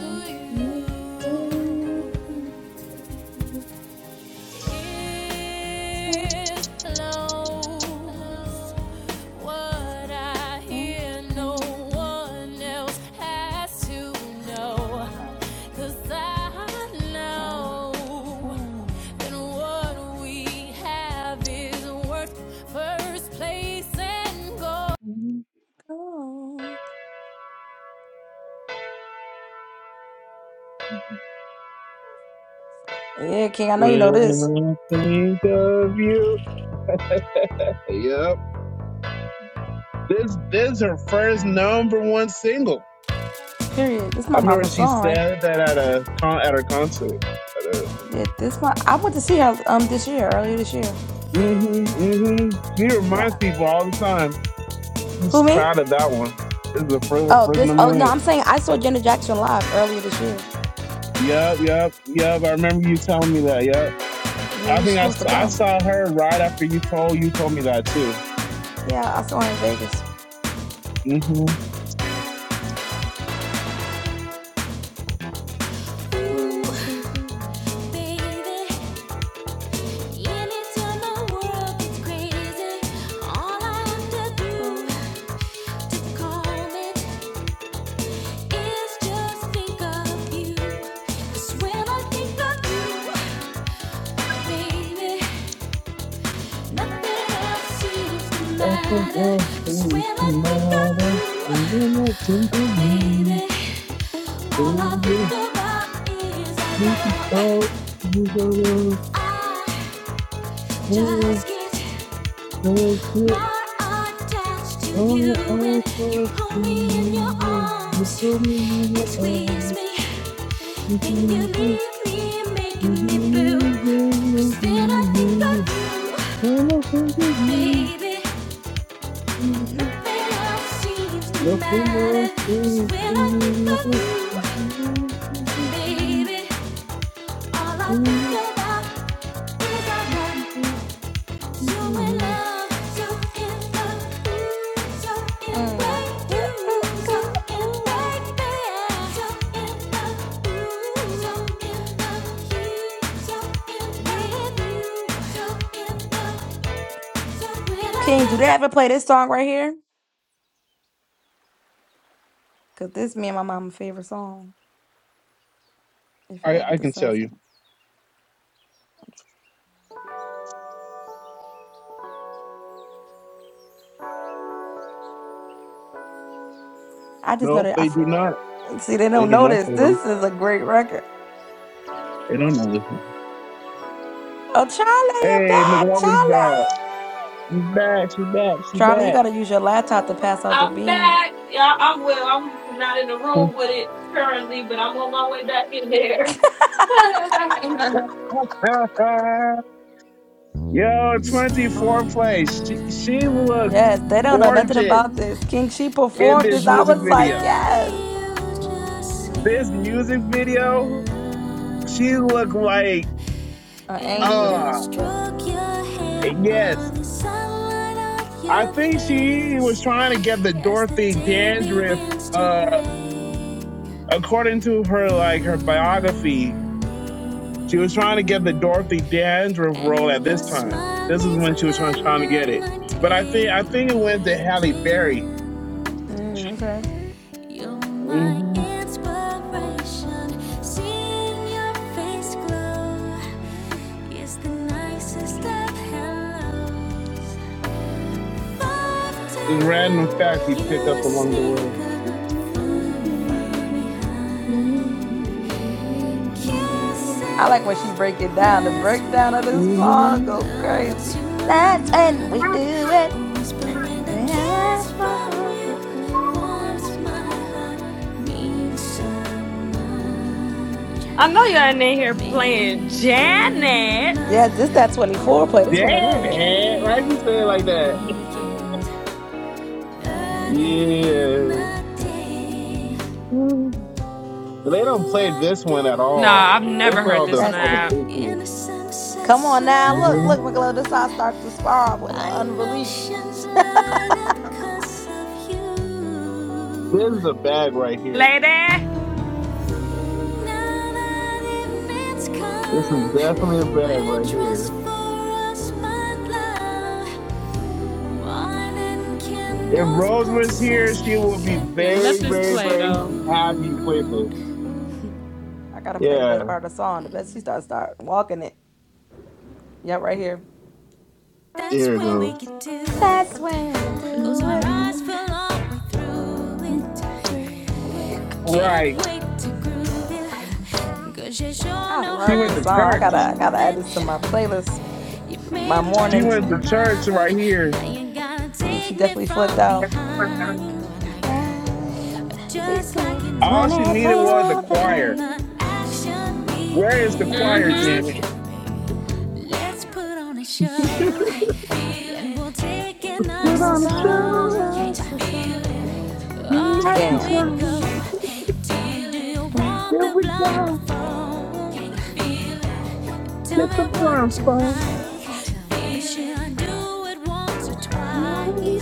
S8: Hmm. Yeah, King, I know
S9: When
S8: you know this.
S9: I think of you. Yep. This this is her first number one single.
S8: Period. This is
S9: I
S8: my
S9: remember
S8: mama's
S9: she
S8: song, right?
S9: said that at a con at her concert.
S8: Yeah, this my I went to see her um this year, earlier this year.
S9: hmm hmm She
S8: Yeah.
S9: reminds people all the time. I'm s-
S8: Who me?
S9: proud of that one. This is the first,
S8: Oh,
S9: first
S8: this oh
S9: number
S8: no,
S9: one.
S8: I'm saying I saw Janet Jackson live earlier this year.
S9: Yep, yep, yep. I remember you telling me that. Yep.
S8: Yeah,
S9: I
S8: you're
S9: think I,
S8: supposed
S9: s-
S8: to
S9: I
S8: come.
S9: saw her right after you told you told me that too.
S8: Yeah, I saw her in Vegas.
S9: Mm-hmm.
S8: Yeah,
S9: Nothing else seems to matter when I think of you. When you think about you, girl, oh, that's it. Oh, I'll to you. You told me you were I I
S8: Can you do they Ever play this song right here? Cause this me and my mama's favorite song. If it ever
S9: can tell
S8: decides, to.
S9: you.
S8: I just know
S9: no,
S8: that I
S9: they
S8: f-
S9: do not.
S8: see they
S9: They
S8: don't
S9: do
S8: know
S9: not
S8: this.
S9: fail.
S8: This is a great record.
S9: They don't know this.
S8: Oh, Charlie, you're
S9: Hey, McLaughlin's
S8: back,
S9: back. She's
S8: Charlie.
S9: back. She's back. She's
S8: Charlie, you gotta use your laptop to pass out the
S3: I'm
S8: bean.
S3: back. Yeah, I'm well. I'm not in the room with it currently, but I'm on my way back in there.
S9: back. Yo,
S8: Yeah,
S9: 24
S8: horrible.
S9: plays. She, she looked
S8: Yes, they don't know nothing
S9: gorgeous.
S8: about this. King, she
S9: in
S8: performed
S9: this
S8: this. I
S9: music
S8: was like,
S9: video.
S8: yes,
S9: This music video, she looked like,
S8: an angel.
S9: Ah, yes. I think she was trying to get the Dorothy Dandruff, uh, according to her, like, her biography, she was trying to get the Dorothy Dandruff role at this time. This is when she was trying, trying to get it. But I think, I think it went to Halle Berry.
S8: Mm, okay.
S9: Mm-hmm. Just random fact you pick up along the way.
S8: I like when she break it down. The breakdown of this
S9: Mm-hmm.
S8: song go crazy. That's and we do it. Can't let my heart go do it.
S3: I know y'all ain't
S8: Mm.
S3: in here playing Janet.
S8: Yeah, this that 24 play. This one of
S9: Dad,
S8: them.
S9: eh? Why'd you say it like that? Yeah. Mm. They don't play this one at all.
S3: Nah, I've
S9: They
S3: never
S9: play
S3: heard
S9: all
S3: this
S9: the
S3: on the
S9: all
S8: That's
S9: the
S3: app.
S9: big hits.
S8: come on now. Look,
S9: hmm
S8: look, McGlow. This how I start the spar off with an unreleased.
S9: This is a bag right here.
S3: Lady.
S9: This is definitely a bag right here. If Rose was here, she would be
S3: Yeah, let
S9: very,
S3: this
S9: very,
S3: play
S9: very
S3: though.
S9: happy you played this.
S8: I gotta play the
S9: Yeah,
S8: best part of the song. The best she start start walking it. Yep, right here.
S9: here it goes.
S8: That's when we do it, do it.
S9: Right.
S8: I
S9: She
S8: love
S9: went to
S8: this song. I gotta,
S9: church.
S8: I gotta add this to my playlist. My
S9: She
S8: morning,
S9: went to church right here.
S8: she, she definitely flipped out. Round, she said,
S9: All she needed was a
S8: 24 for
S9: choir.
S8: late.
S9: Where is the choir,
S3: Mm-hmm.
S9: Janet? Put
S8: And
S9: on a
S8: nobody
S9: show.
S8: loves us so.
S9: We like to
S8: Damn.
S9: show. There we go. Get the blindfold. No,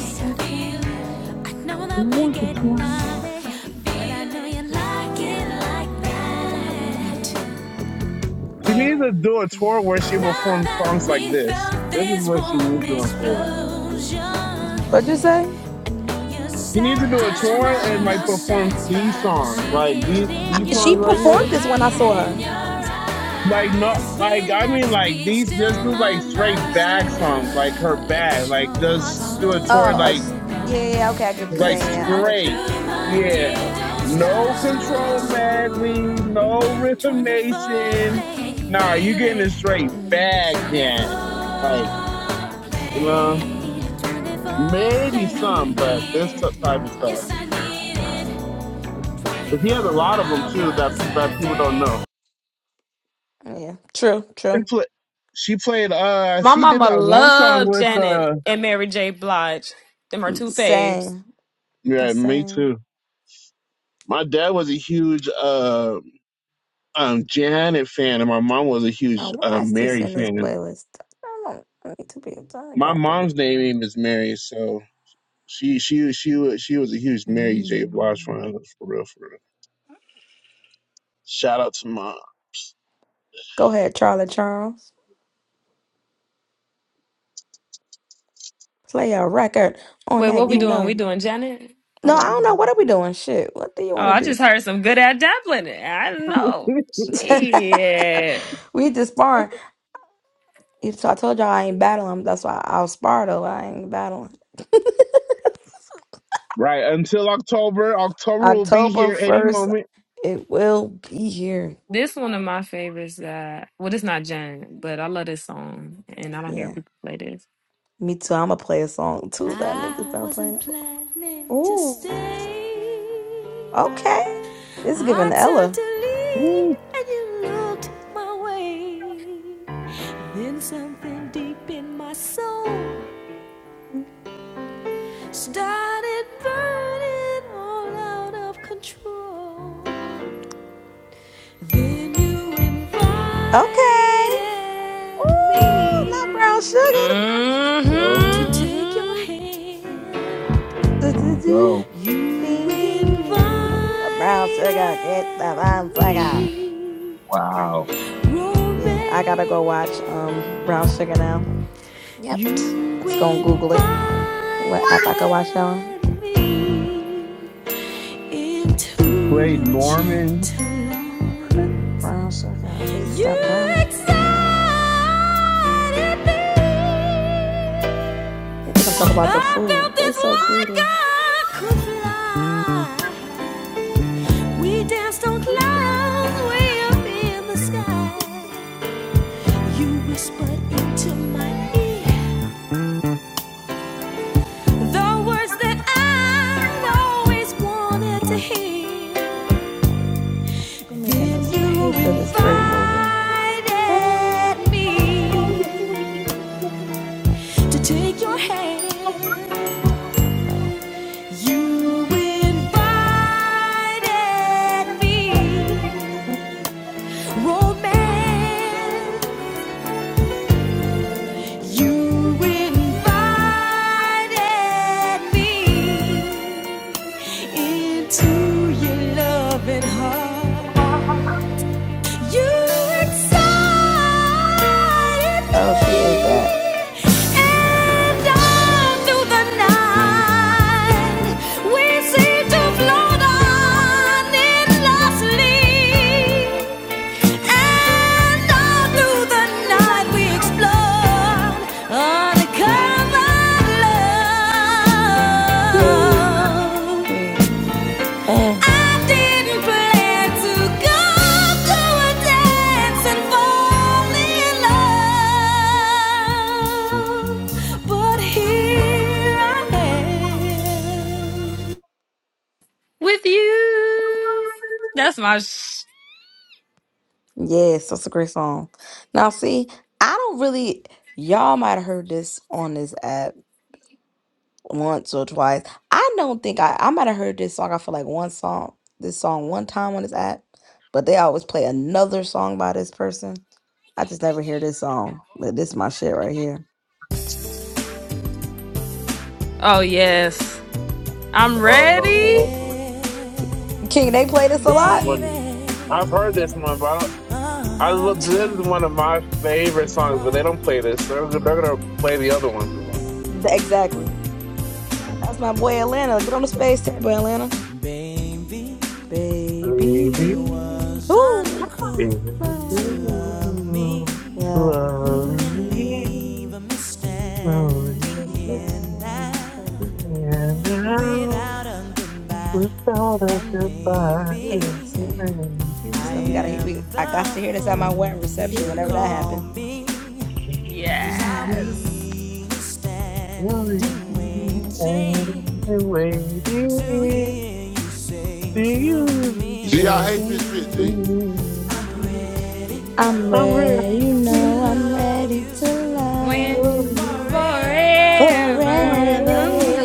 S9: Once or twice. She needs to do a tour where she performs songs like this. This is what she needs to do a tour.
S8: What'd you say?
S9: She needs to do a tour and like perform these songs, like these
S8: I,
S9: these
S8: she
S9: songs right
S8: performed
S9: here.
S8: this when I saw her.
S9: Like no, like I mean, like these. Just do like straight bag songs, like her bag. Like just do a tour,
S8: Oh, uh,
S9: like
S8: s- yeah, yeah, yeah, okay, I get what you're
S9: Like
S8: saying. Yeah, I'm with you.
S9: straight. Yeah. No control madly, no rhythm nation. Nah, you getting a straight bag Janet. Like, you know, maybe some, but this t- type of stuff. Cause he has a lot of them too that people, that people don't know.
S8: Yeah, true,
S9: She,
S8: true.
S9: pla she played, uh,
S3: My
S9: she did
S3: mama
S9: that one song
S3: loved
S9: with,
S3: Janet
S9: uh,
S3: and Mary J. Blige. Them are two faves.
S8: Same, I'm
S9: yeah, me
S8: saying.
S9: too. My dad was a huge, uh, um, Janet fan and my mom was a huge,
S8: Now,
S9: uh,
S8: why is this
S9: Mary
S8: in this
S9: fan.
S8: playlist? I don't I need to be. I
S9: My
S8: don't believe.
S9: mom's name is Mary, so she she she was she was a huge Mary J. Blige
S8: Mm.
S9: fan for real, for real. Shout out to mom.
S8: Go ahead, Charlie Charles. Play a record on
S3: Wait, what
S8: that,
S3: we
S8: you
S3: doing? We
S8: know.
S3: doing Janet? Or
S8: No,
S3: what
S8: I
S3: we
S8: don't know.
S3: doing?
S8: What are we doing? Shit. What do you
S3: Oh,
S8: want
S3: I
S8: to do?
S3: just heard some good at Dublin. I don't know. Shit.
S8: we just sparring. If- So I told y'all I ain't battling. That's why I'll spar though. I ain't battling.
S9: Right until October. October will be
S8: October
S9: here any
S8: first,
S9: moment.
S8: it will be here.
S3: This one of my favorites that well it's not Janet, but I love this song and I don't hear
S8: Yeah.
S3: people play this.
S8: Me too. I'ma play a song too. That niggas
S4: I
S8: don't play.
S4: wasn't planning to
S8: Ooh.
S4: stay.
S8: Okay. It's giving
S4: I turned
S8: Ella.
S4: to
S9: Woo,
S4: leave and you looked my way. Then something deep in my soul started burning all out of control. Then you
S8: Okay.
S4: invited me
S8: Ooh, not brown
S3: mm
S9: so
S4: to
S3: hmm
S4: take your hand.
S9: here we
S8: sugar.
S9: go.
S4: You
S8: Ding ding ding ding. Brown
S4: invited
S8: sugar, get the brown sugar.
S4: me,
S9: Wow.
S8: Yeah, I gotta go watch
S4: romance.
S8: um Brown Sugar now. Yep.
S4: You
S8: Let's go and Google it.
S4: invited
S8: What app I can watch y'all?
S4: me
S9: To
S4: into
S9: play
S4: your
S9: Norman.
S4: gentle love.
S8: Brown sugar. Pizza
S4: You
S8: brown
S4: excited
S8: sugar.
S4: me.
S8: They think I'm talking about the
S4: I
S8: food.
S4: felt
S8: They
S4: this
S8: so
S4: like
S8: greedy.
S4: I could fly. We danced on clouds way up in the sky. You whispered into my ear. The words that i always wanted to hear.
S8: They making
S4: Then
S8: us pay
S4: you
S8: for this great movie.
S4: invited me to take your hand. You invited me, romance. You invited me into your loving heart. You excite
S8: Oh, she ate that.
S4: me, and on through the night we seem to float on endlessly. And all through the night we explore uncovered
S8: Hey,
S4: love.
S8: hey. Mm.
S3: With you. That's my sh-
S8: Yes, that's a great song. Now, see, I don't really, y'all might have heard this on this app once or twice. I don't think I, I might have heard this song. I feel like one song, this song one time on this app, but they always play another song by this person. I just never hear this song. But this is my shit right here.
S3: oh yes. I'm ready.
S9: Oh,
S8: King, they play this a
S9: this is
S8: lot.
S9: one I've heard this one, but I, don't- I look. This is one of my favorite songs, but they don't play this. They're, they're gonna play the other one.
S8: Yeah. Th- Exactly. That's my boy Atlanta. Get on the space table, Atlanta. Baby. Who?
S9: If you
S8: While we sing the sound of the Anyways, yeah. Just know we gotta hear- we I got to hear this at my wedding reception whenever that happened.
S3: Yes.
S1: Gee, I hate this shit, G.
S8: I'm ready, you know, I'm ready to love
S3: When
S8: you
S3: forever.
S8: forever.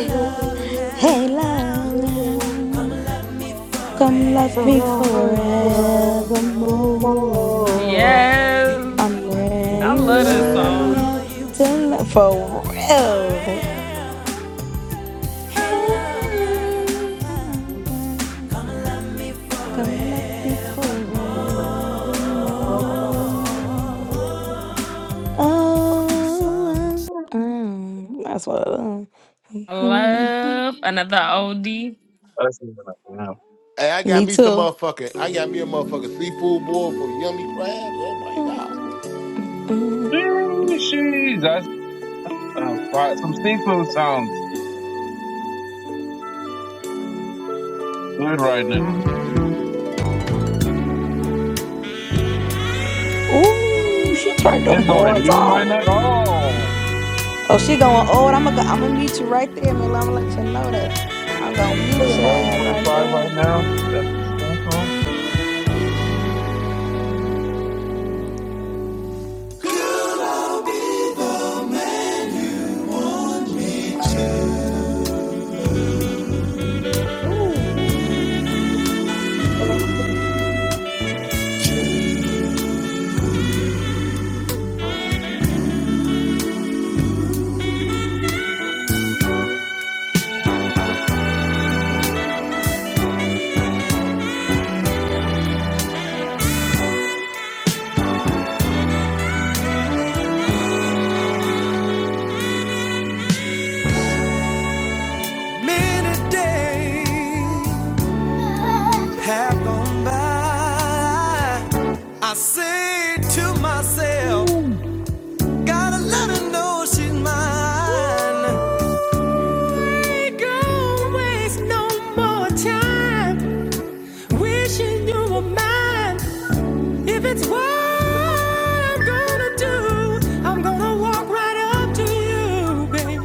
S8: Hey, lover, come love me forevermore. I'm
S3: Yes.
S8: ready,
S3: I
S8: you
S3: love this
S8: know I'm
S3: song.
S8: ready to love for real.
S3: I
S8: Come up be forevermore. Oh, oh, oh. that's what. I love. Mm,
S3: love another OD.
S9: I
S1: Hey, I got
S8: Me
S1: me some
S8: too.
S1: motherfucking, I got me a motherfucking seafood boil for yummy crabs. Oh my god.
S8: Mm.
S9: that's uh, fi- some seafood sounds good right now.
S8: Ooh, she turned them
S9: It's like
S8: horns
S9: noon right
S8: on.
S9: now. Oh,
S8: Oh, she going old. I'm gonna, go, I'm gonna meet you right there, Mila. I'm gonna let you know that. I'm gonna meet your
S9: eleven
S8: ass right
S9: forty-five
S8: there.
S9: right now. Cent- Central.
S8: Ooh, Mm-mm.
S4: Many days have gone by. I say to myself,
S9: Ooh.
S4: gotta let her know she's mine. no right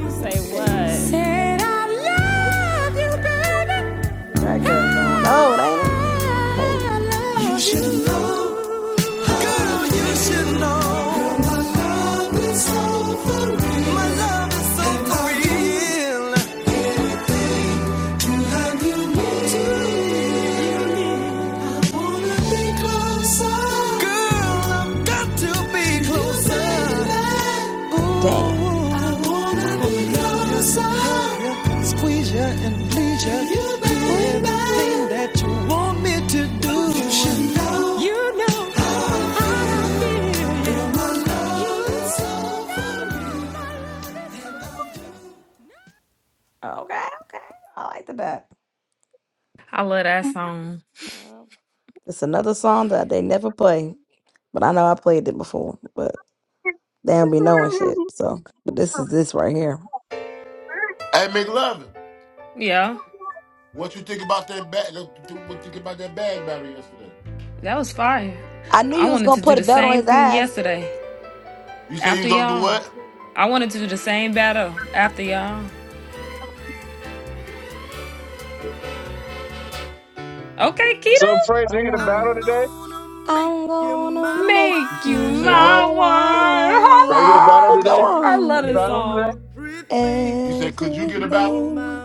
S4: Say what?
S8: hey.
S4: Said I love you, baby.
S8: That girl going old, ain't it? Hey.
S4: you. should know, girl, you should know. my love is so for real. My love is so real.
S8: Damn. Okay, okay. I like the back.
S3: I love that song.
S8: It's another song that they never play, but I know I played it before. They don't be knowing shit. So, but this is this right here.
S1: Hey, McLovin,
S3: Yeah,
S1: what you think about that bag? What you think about that bag battle yesterday?
S3: that was fire.
S8: I knew you
S3: I
S8: was
S3: wanted
S8: gonna
S3: to do
S8: put a
S3: the
S8: belt on
S3: same
S8: his
S3: thing
S8: ass.
S3: yesterday
S1: You say you
S3: after
S1: was gonna do
S3: y'all.
S1: what?
S3: I wanted to do the same battle after y'all. Okay, Keto.
S9: So, Praise, are you
S8: Come
S9: gonna
S8: on.
S9: battle today?
S8: I'm gonna make
S1: You,
S3: Make
S1: s-
S3: you
S8: you
S1: you said
S8: my
S3: my
S1: what?
S3: one.
S9: Are you gonna
S8: wife.
S3: Hello.
S9: battle
S8: Oh, Come
S9: today?
S3: I love
S9: You
S8: on.
S3: this
S9: battling today?
S3: song.
S1: You said could you get a battle?
S8: Everything,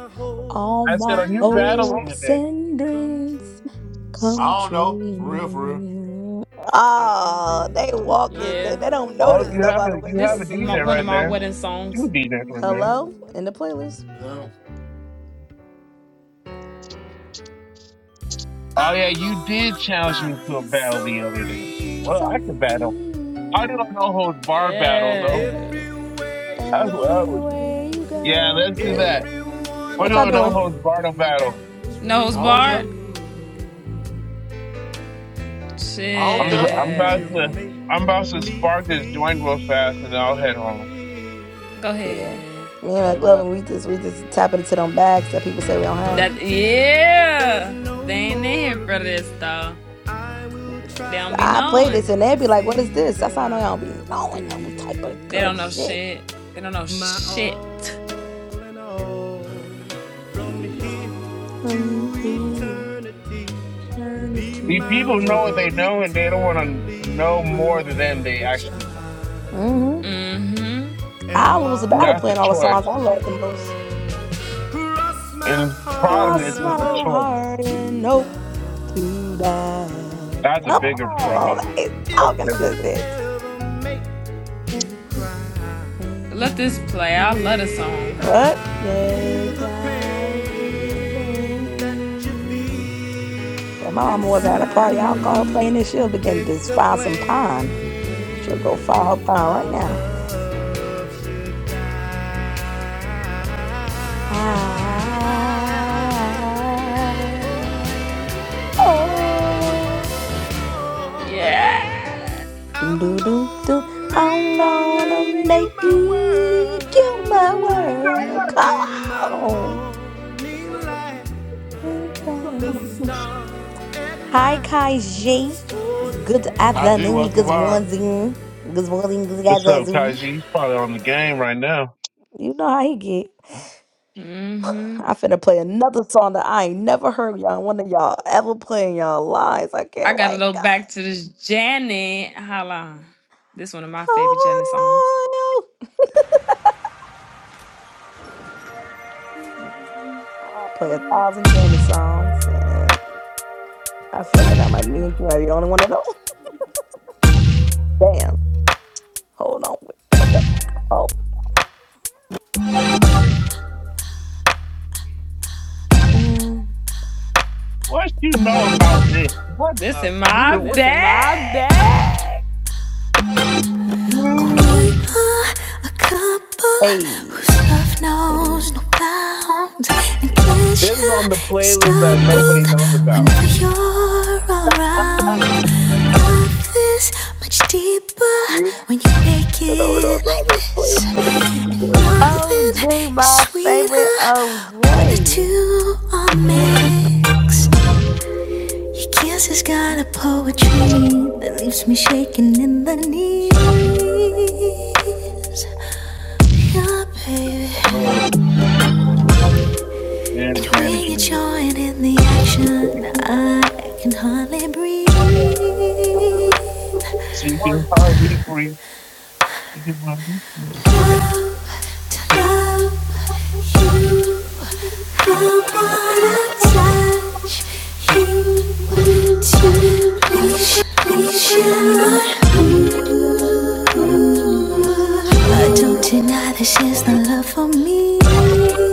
S8: all
S9: I said,
S8: my
S9: are you battling
S8: hopes
S9: today?
S8: and dreams come
S1: I don't know. For real, for real.
S8: true. Oh, they walk this. They,
S3: Yeah.
S8: they don't
S9: Well,
S8: notice
S9: you
S8: though
S9: have
S8: by
S9: a
S8: the way,
S9: you
S3: This
S9: have
S8: but
S9: a
S3: is my,
S9: DJ
S3: one of
S9: right
S3: my
S9: there.
S3: wedding
S9: Two
S3: songs.
S9: DJs right there.
S8: Hello in the playlist.
S1: Um,
S9: Oh yeah, you did challenge me to a battle the other day. Well, I could battle. I do a no
S8: Somewhere.
S9: holds bar battle
S8: What
S9: though.
S8: is
S3: Yeah.
S8: that?
S9: That's what I was.
S8: Everywhere you
S9: Yeah, let's
S8: go.
S9: do
S8: Hey,
S9: that. We're
S8: what y'all
S9: doing no
S8: doing?
S9: holds bar battle.
S3: Nose
S1: I don't
S3: Bart,
S1: care. I don't
S9: I'm just,
S1: care.
S9: I'm about
S8: Ooh,
S3: Shit.
S9: to I'm about to
S8: mm.
S9: spark this joint real fast and then I'll head home.
S3: Go
S8: Yeah,
S3: ahead.
S8: me and my
S1: Say
S8: glove
S1: less.
S8: and we just we just tapping into them bags that people say we don't have.
S3: That yeah. They ain't in here for this though. They
S8: Yes,
S3: don't be
S8: I play this
S3: knowing.
S8: and they be like, "What is this?" That's how I know y'all don't be knowing no type of
S3: They don't
S8: good
S3: know
S8: shit.
S3: shit. They don't know shit.
S8: And the
S9: The people know what they
S8: eternity.
S9: know and they don't want to know more than they actually know.
S8: hmm
S3: Mm-hmm.
S8: I'll lose a battle
S9: That's the
S8: playing all the songs I
S9: choice.
S8: love the most.
S9: And the problem is
S8: Cross my
S9: it's a choice.
S8: heart and hope to die.
S9: That's a
S8: Come
S9: bigger
S8: on, like,
S9: problem.
S8: he's
S9: That's a
S8: talking on
S9: bigger
S8: this bitch.
S9: problem.
S8: Will make me
S3: Let this
S8: cry.
S3: play. I love the song.
S8: What? Baby, I do the rain. If my mama was at a party, I'll call her playing this. She'll begin to just find some pine. She'll go find her pine right now. I Oh,
S3: Yeah.
S8: doom, doom, doom, doom.
S3: I'm
S8: I'm
S3: gonna
S8: gonna
S3: make
S8: make
S3: you.
S8: you do my work. Come on. Inside. Hi, Kai G. Good
S1: Kyle G,
S8: afternoon,
S1: what's the
S8: good
S1: word?
S8: morning, good morning, good
S9: What's up,
S8: afternoon.
S9: Kaiji? He's probably on the game right now.
S8: You know how he get.
S3: Mm-hmm.
S8: I finna play another song that I ain't never heard y'all, one of y'all ever play in y'all lives. I
S3: I
S8: can't
S3: gotta
S8: wait,
S3: go
S8: God.
S3: back to this Janet. Hold on. This one of my favorite Janet songs.
S8: Oh, I play a thousand Janet songs, and I feel like I might me and might be the only one of them. Damn. Hold on with your back. Oh. Mm.
S9: What you know about this? What
S3: This
S9: the
S3: in
S9: you
S3: my
S9: know, what?
S4: This in my
S3: bag.
S4: bag. We
S9: Hmm.
S4: are a couple
S8: Hey.
S4: whose love
S8: Hey.
S4: knows no bounds, and
S8: Hey.
S9: This is
S4: pleasure
S9: on the
S4: is
S9: playlist that nobody
S4: doubled
S9: knows about.
S4: whenever you're around.
S8: Mm.
S4: Love is much deeper
S9: Yeah,
S4: when you make
S9: I don't know
S4: it
S9: it
S4: like
S9: was
S4: this,
S9: on
S4: and
S9: this playlist.
S4: nothing
S8: OG,
S4: is
S8: my favorite
S4: sweeter when the
S8: OJ.
S4: two are mixed. Your kiss has got a poetry that leaves me shaking in the knees. Your baby.
S9: um,
S4: And
S9: and Janet,
S4: when you
S9: Janet.
S4: join in the action, I can hardly breathe.
S9: she can
S13: Mm-hmm.
S9: probably free. She can probably free.
S4: Love, to love you, I wanna touch you, to please you. I don't deny that she's not love for me.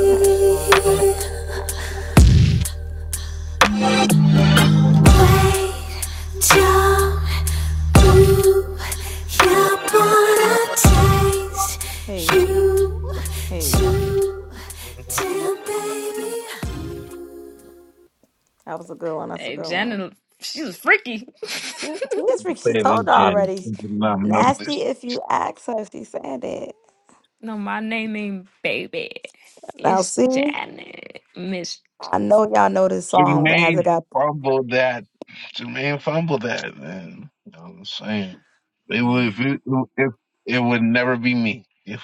S8: That's horrible. Hey. Hey. Mm-hmm. That was a good one. That's a
S3: Hey,
S8: good one.
S3: Janet, she was freaky.
S8: She, she is freak. She
S9: Say
S8: told
S9: this,
S8: her
S9: Janet.
S8: already.
S9: You did not know this.
S8: Nasty if you ask her if she said it.
S3: no, my name ain't baby.
S8: Now
S3: It's
S8: see?
S3: Janet. Miss
S8: I know y'all know this song, but has
S9: Jermaine
S8: it got?
S9: fumbled that. Jermaine fumbled that, man. You know what I'm saying? It would, if
S8: You
S9: it, if, it would never be me. If,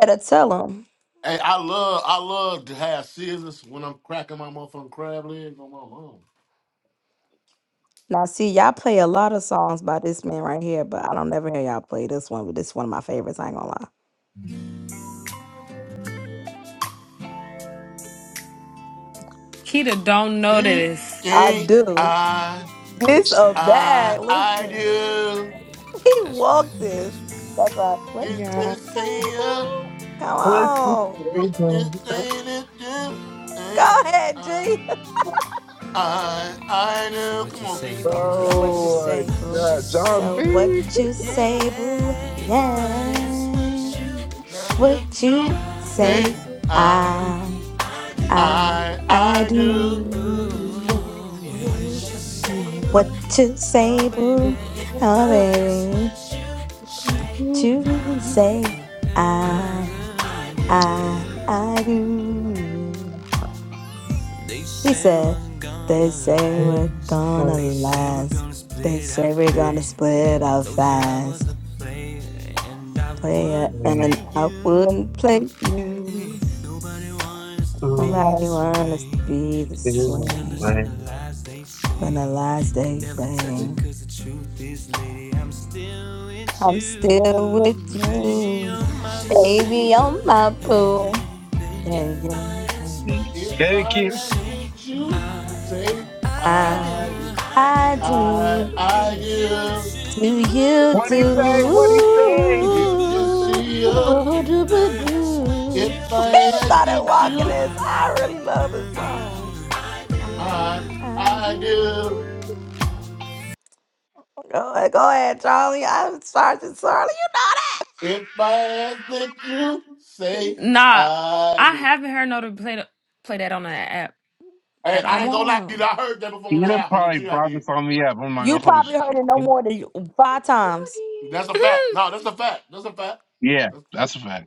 S8: better tell them.
S1: Hey, I love I love to have scissors when I'm cracking my motherfucking crab legs on my mom.
S8: Now, see, y'all play a lot of songs by this man right here, but I don't never hear y'all play this one. But this is one of my favorites. I ain't gonna lie.
S3: Kita don't know
S1: This
S3: this.
S8: I
S1: thing
S8: do.
S1: I
S8: This a
S1: I
S8: bag.
S1: I
S8: Listen,
S1: do
S8: he walked this. That's right. What
S1: this
S8: you
S10: yeah,
S1: this
S8: say,
S1: thing I-
S8: boo? Come
S9: what?
S8: on.
S1: this this thing I do
S8: Go
S1: ain't
S8: ahead,
S1: I
S8: G.
S1: I I do. Come on, Kitty, stop playing
S8: So
S1: me, G.
S8: what you
S9: Oh my
S8: say, boo?
S9: God, John B.
S8: So what you say, boo? Yeah.
S1: That's
S8: What
S1: just you
S8: you say,
S1: thing I
S8: I. I
S1: I
S8: I
S1: I do.
S9: Get
S8: do what to say, boo. Oh, baby, to say I I I do. He said, "They say we're gonna last. They say we're gonna split up fast. Player, and I wouldn't play you. Nobody wants to be this way. When the last day fade. I'm still with you, baby. on my boo. Yeah, yeah, mm.
S1: If
S9: it,
S1: I
S9: kid.
S1: asked that you say
S8: I,
S1: I do.
S8: I
S1: I
S8: do.
S1: I do
S8: Do you
S9: What he say?
S8: do?
S9: What he say?
S1: if you see her. If
S8: Ooh-ba-doo-ba-doo.
S1: I
S8: I
S1: ask
S8: started
S1: that
S8: walking
S1: you,
S8: this. I really love this song. I,
S1: I
S8: I
S1: I do.
S8: do. Go ahead, go ahead, Charlie. I'm Sergeant Charlie. You know that.
S1: If I ask that you, say
S3: Nah,
S1: I
S3: I
S1: do.
S3: haven't heard no to play the, play that on the app
S1: Hey,
S3: at
S1: I
S8: Come
S1: ain't
S3: all.
S1: gonna lie to you.
S8: on.
S1: I heard that before
S9: He
S1: on the
S9: done
S1: app on the
S9: probably
S1: G I
S9: brought this
S1: did.
S9: on me up. I'm not gonna
S8: You
S9: hold
S8: probably heard it no
S9: you.
S8: more than you- five times.
S1: That's a fact. No, that's a fact. That's a fact.
S9: Yeah,
S1: That's a fact.
S9: that's a fact.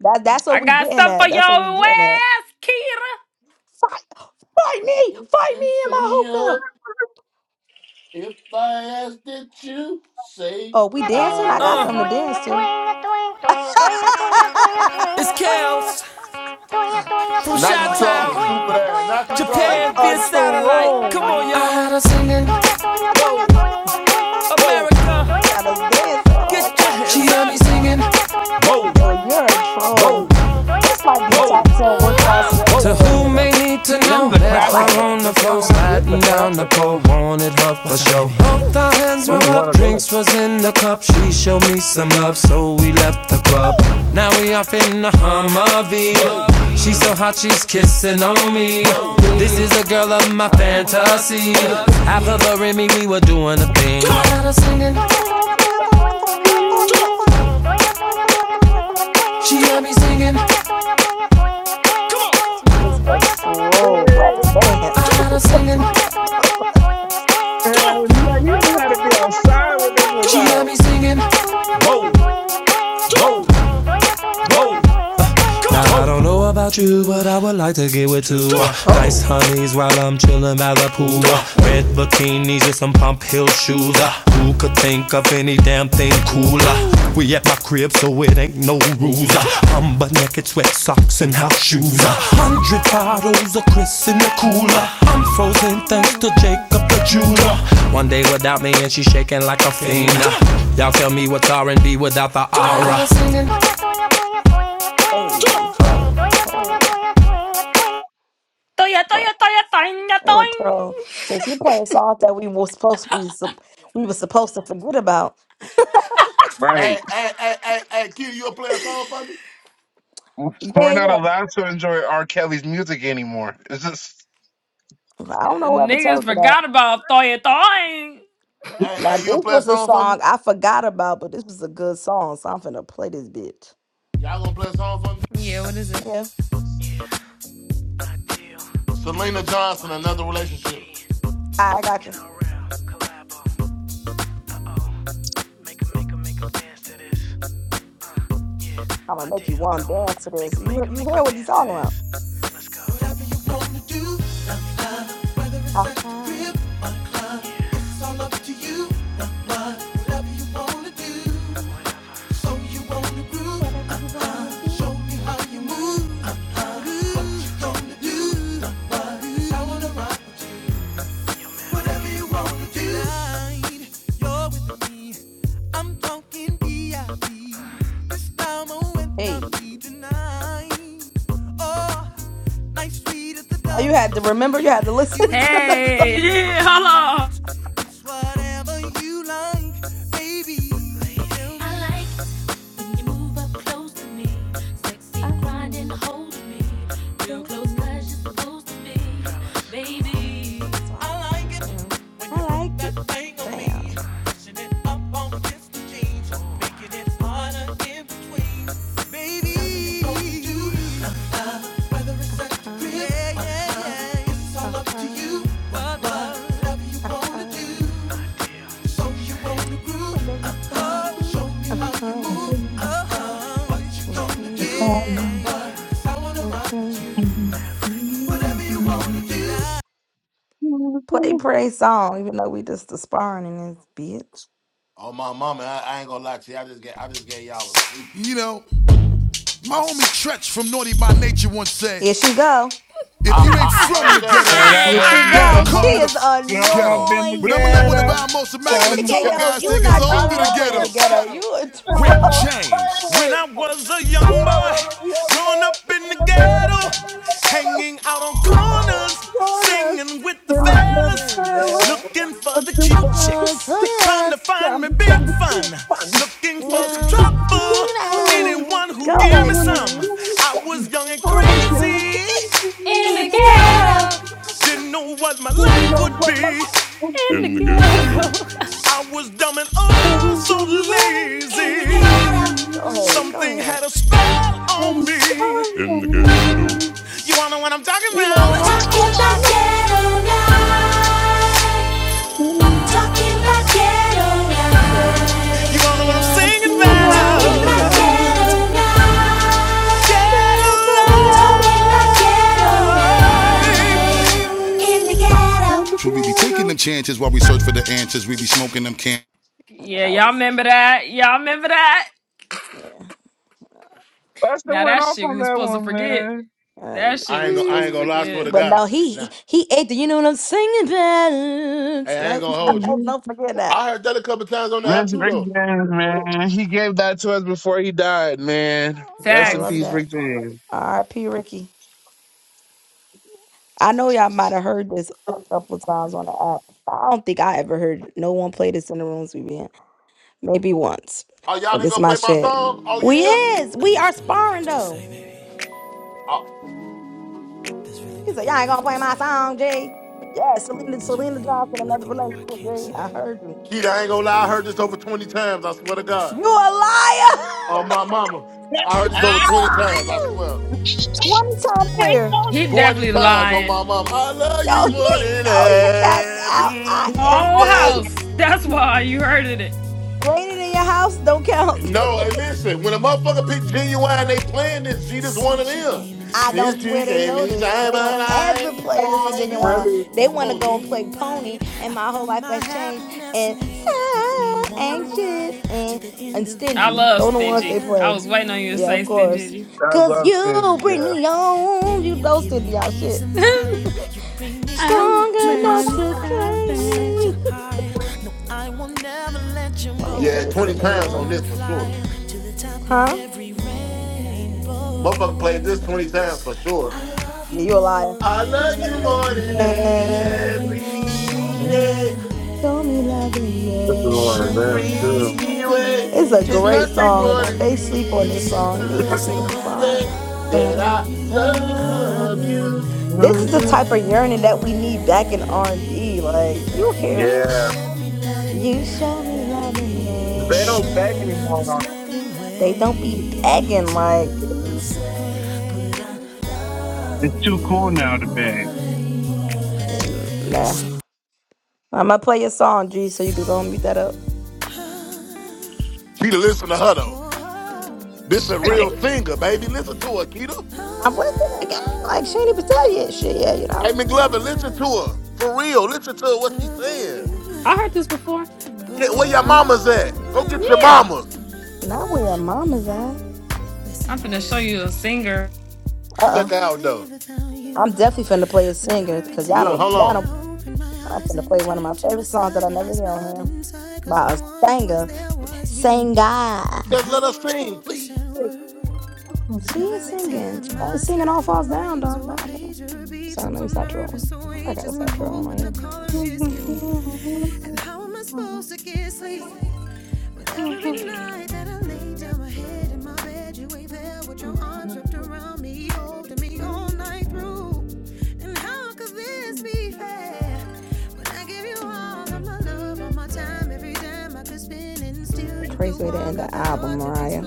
S8: That that's what
S3: I
S8: we
S3: got
S8: getting
S3: something for
S8: at.
S3: your
S8: That's what we getting at.
S3: ass, Kita.
S8: Fight, fight me,
S1: If,
S8: fight me
S1: you
S8: in my
S1: see
S8: hookah.
S1: her, if I ask that you, say
S8: Oh, we dancing? I got
S1: I
S4: Uh,
S8: something
S1: do.
S8: to dance to.
S4: it's chaos. From
S1: Now you
S4: Chi-Town,
S1: trolling, stupid ass. Now you
S8: She is
S1: trolling.
S4: Japan,
S8: a
S4: via satellite. Come
S8: troll.
S4: on, y'all. I had her singing,
S8: Got
S4: Whoa. America,
S8: us dancing.
S4: get
S8: Oh,
S4: America.
S8: got
S4: your
S8: our
S4: hands she
S8: dance
S4: had me
S8: shoes
S4: up. singing
S8: on.
S4: Whoa,
S8: Yo, you're a
S4: whoa,
S8: troll. This might be
S4: whoa,
S8: top ten worst songs he ever
S4: Whoa. to
S8: made right here,
S4: whom may
S8: though.
S4: need to to
S9: This is
S4: know.
S9: a
S8: But
S4: Met
S8: I
S4: her
S9: classic,
S8: like it.
S4: on
S9: though.
S4: the floor,
S9: Wow, This is a
S4: sliding down the
S9: classic.
S4: pole, wanted her for show. Both our hands
S9: This
S4: were
S9: is one
S4: up,
S9: of those.
S4: drinks was in the cup. She showed me some love, so we left the club. Now we off in the Humvee. She's so
S9: Man,
S4: hot, she's kissing on me. This
S8: Yeah.
S4: is a girl
S8: well,
S4: of my
S8: Hold on.
S4: fantasy. I put her in me, we were doing a thing.
S8: She
S4: She got me singing. I
S8: is a troll at dance.
S4: got her singing.
S9: yeah, you just had to be outside when this was
S4: She got
S9: out.
S4: me singing. Whoa. Whoa. Now I don't know about you, but I would like to get with two uh, nice
S8: oh,
S4: honeys while I'm chillin' by the pool. uh, red
S8: hey.
S4: bikinis and some pump heel shoes. uh, who could think of any damn thing cooler? We at my crib, so it ain't no rules. uh, I'm but naked, sweat socks and house shoes. uh, Hundred bottles of Chris in the cooler. I'm frozen thanks to Jacob the jeweler. One day without me and she shaking like a fiend. uh, Y'all tell me what's R&B without the aura.
S8: Hey, ho, ho.
S3: Toya,
S8: What?
S3: toya, toya, toya,
S8: Oh, troll.
S3: toya.
S8: Since you playing songs that we were supposed we, sup- we were supposed to forget about.
S9: Right.
S1: Hey, hey, hey, hey, hey, Kitty, you'll play a song for me?
S9: We're
S8: Yeah,
S9: not
S8: yeah.
S9: allowed to enjoy R. Kelly's music anymore. It's just
S8: I don't know whoever
S3: Niggas
S8: told you that.
S3: forgot about toya, toya.
S1: Hey,
S8: Now
S1: hey, you'll
S8: this
S1: play a
S8: was a
S1: song for
S8: song
S1: me?
S8: I forgot about, but this was a good song, so I'm finna play this bitch.
S1: Y'all gonna play a song for me?
S3: Yeah, what is it?
S8: Yeah,
S1: Selena Johnson, another relationship.
S8: I got you. I'm gonna make you want to dance to this. You you hear what he's talking about? Ha ha. Whatever you wanna do. Mhm. Mm. Hey, oh, you had to remember. You had to listen to the song.
S3: Hey, yeah, hello.
S8: I mean, does me. That's why I love him. I like it. Damn. Uh uh. Uh uh. Uh uh. Whatever you want to do. Uh, mm. hmm Play pray song, even though we just despairing in this bitch.
S1: Oh my mama, I, I ain't gonna lie to you. I just get I just gave y'all a sleeper.
S4: You know, my homie Tretch from Naughty by Nature once said,
S8: Here she go.
S4: if
S1: I,
S4: you ain't
S1: I I
S4: from
S1: heard
S4: the
S1: that.
S4: ghetto,
S9: When I
S8: Here
S9: was
S8: she
S9: a
S4: don't
S8: go.
S9: young
S8: She
S4: come
S9: boy,
S4: to the
S8: is
S4: f-
S9: growing up
S4: ghetto.
S9: in the
S4: But I'ma let one of
S9: ghetto,
S8: annoying.
S4: our most
S8: In the
S4: immaculate
S9: um,
S4: tall
S8: ghetto,
S4: guys
S8: you
S4: take us
S8: not
S4: all
S8: true
S9: I
S8: if you
S4: through the
S8: don't
S9: love
S8: play in
S4: ghetto.
S8: the
S9: this
S8: ghetto.
S9: song.
S4: Ghetto.
S8: You a troll.
S4: Rick James. When I was a young boy, up in
S8: in
S4: the
S8: the
S4: ghetto,
S8: ghetto.
S4: hanging out on corners, singing with the
S8: Hard
S4: fellas,
S8: man.
S4: looking for the cute
S8: You know what I'm talking
S4: chicks, trying
S8: about.
S4: to find me big fun, looking
S8: You
S4: for some
S8: know what
S4: trouble,
S8: I'm
S4: for
S8: saying.
S4: anyone who'd
S8: Go
S4: give me
S8: ahead,
S4: some.
S8: King.
S4: I was young and crazy, in
S3: In
S4: the
S3: the
S8: Who?
S3: ghetto.
S4: ghetto. didn't know what my life would be. I was dumb and oh so lazy.
S8: Go ahead. Go
S4: Something
S8: ahead.
S4: had a spell on me. You all know what I'm talking about. I'm Talking about ghetto night. Talking about ghetto
S8: He said.
S4: night. You all
S8: You
S4: know what
S8: know
S4: I'm
S8: what I'm
S4: singing
S8: saying
S4: about.
S8: about
S4: Talking about
S8: mm,
S4: about. ghetto
S8: girl, do
S4: night. Talking
S8: Come on,
S4: about ghetto
S8: man.
S9: In
S4: night.
S9: the
S4: So we be taking
S9: ghetto.
S4: them chances while we search for the answers. We be smoking them can.
S3: Yeah,
S8: That
S3: y'all
S8: was
S3: remember that? Y'all remember that?
S8: yeah.
S9: Busta
S3: Now
S9: went
S3: that
S9: off
S3: shit
S9: on
S3: we was
S9: that
S3: supposed to
S9: one,
S3: forget.
S9: man.
S8: Uh,
S3: That shit
S1: I
S3: we
S1: ain't
S3: was
S1: gonna I
S3: supposed
S1: ain't
S3: to
S1: gonna lie,
S9: She.
S1: swear to
S3: forget.
S8: but no,
S1: God. Nah.
S8: he he ate the. You know what I'm singing
S1: Hey, I ain't
S8: about.
S1: gonna hold you.
S8: Don't,
S9: Mhm.
S8: don't forget that.
S1: I heard that a couple times on the app
S9: Rest
S1: too
S9: Rick
S1: though.
S9: James, man. He gave that to us before he died, man.
S8: I
S9: Rest in
S8: love
S3: Facts.
S9: peace,
S8: that.
S9: Rick James.
S8: R.I.P. Ricky. I know y'all might have heard this a couple times on the app. I don't think I ever heard no one play this in the rooms we be in. Maybe once,
S1: Oh, y'all
S8: but
S1: ain't
S8: this
S1: gonna
S8: my
S1: play my
S8: shit.
S1: song? Oh
S8: We
S1: yeah?
S8: is. We are sparring though.
S1: Oh,
S8: He said, Y'all ain't gonna play my song, G. Yeah, Selena, Selena Johnson, another relationship, G. I heard you.
S1: Keita, I ain't gonna lie, I heard this over 20 times, I swear to God.
S8: You a liar!
S1: Oh my mama. I heard this over 20 times, I swear.
S8: 20 time player.
S3: He
S1: 20
S3: definitely
S1: times on
S3: lying.
S1: my mom. I love you
S8: Yo,
S1: more
S8: he
S1: than
S8: know he capped out. I a
S1: every
S8: F. ain't
S3: Whole
S1: day.
S8: ever.
S3: house. That's why you heard it.
S8: Raining in your house don't count.
S1: No, and listen, when a motherfucker pick genuine, they playing this. G This one of them.
S8: I don't
S1: Since you
S8: swear they
S1: came
S8: noticed.
S1: inside
S8: They
S1: my
S8: don't
S1: life.
S8: ever play this Virginia
S1: you-
S8: Wild. They
S1: Come
S8: want to
S1: on,
S8: go and
S1: G.
S8: play Pony, and my whole life has changed. And so anxious and and
S3: I
S8: stingy.
S3: love
S8: Those the ones they
S3: Stingy. I
S8: play.
S3: was waiting on you to
S8: Yeah,
S3: say
S8: of course.
S3: Stingy.
S9: I
S8: Cause
S9: love
S8: you
S9: Stingy,
S8: bring
S9: yeah.
S8: me on. You know stingy y'all shit.
S3: I'm
S8: Strong
S3: mad.
S8: enough
S3: It's
S8: to
S3: not
S8: claim
S3: bad.
S8: me. Let me play
S1: Yeah,
S8: this
S1: 20
S8: Selena
S1: times on
S8: for
S1: this for sure.
S8: huh?
S1: Motherfucker played this 20 times for sure.
S8: Yeah, you a liar.
S1: I love you more than
S8: every
S1: every
S9: Mhm.
S8: day.
S1: day.
S8: Show me love in
S9: This is one of them too.
S8: every way.
S1: freeway.
S8: It's a
S1: It's
S8: great
S1: nothing
S8: song, and
S1: more
S8: I-
S1: than
S8: they sleep on this
S1: me
S8: song. This is a beautiful
S1: to
S8: song.
S1: say
S8: But
S1: that I
S8: I love
S1: love
S8: you.
S1: you.
S8: This is the
S9: Mhm.
S8: type of yearning that we need back in R and B. Like you don't care him.
S9: Yeah.
S8: You show me love in
S9: They don't beg
S8: every.
S9: anymore.
S8: way. They don't be begging like.
S9: It's too cool now to beg.
S8: And nah. I'm gonna play your song, G, so you can go and mute that up.
S1: Keita, listen to her though. This a
S8: I'm
S1: real singer, baby. Listen to her, Keita.
S8: I'm with it again. Like she ain't even tell you shit yet, you know?
S1: Hey, McLovin, listen to her. For real, listen to what she's saying.
S3: I heard this before.
S1: Yeah, where your
S8: Mm,
S1: mamas at? Go get your
S3: Yeah.
S1: mamas.
S8: Not where your mama's at.
S3: I'm finna show you a singer.
S8: Uh oh.
S1: Check her out though.
S8: I'm definitely finna play a singer because y'all
S1: Look,
S8: don't
S1: hold
S8: y'all
S1: on.
S8: don't I'm finna play one of my favorite songs that I never hear on here. By a singer. Singer.
S1: Just let us sing, please.
S8: She is singing. She ain't singing all falls down, dog. God damn. So let me stop trolling. I gotta stop trolling on here. Mhm. A crazy way to end the album, Mariah.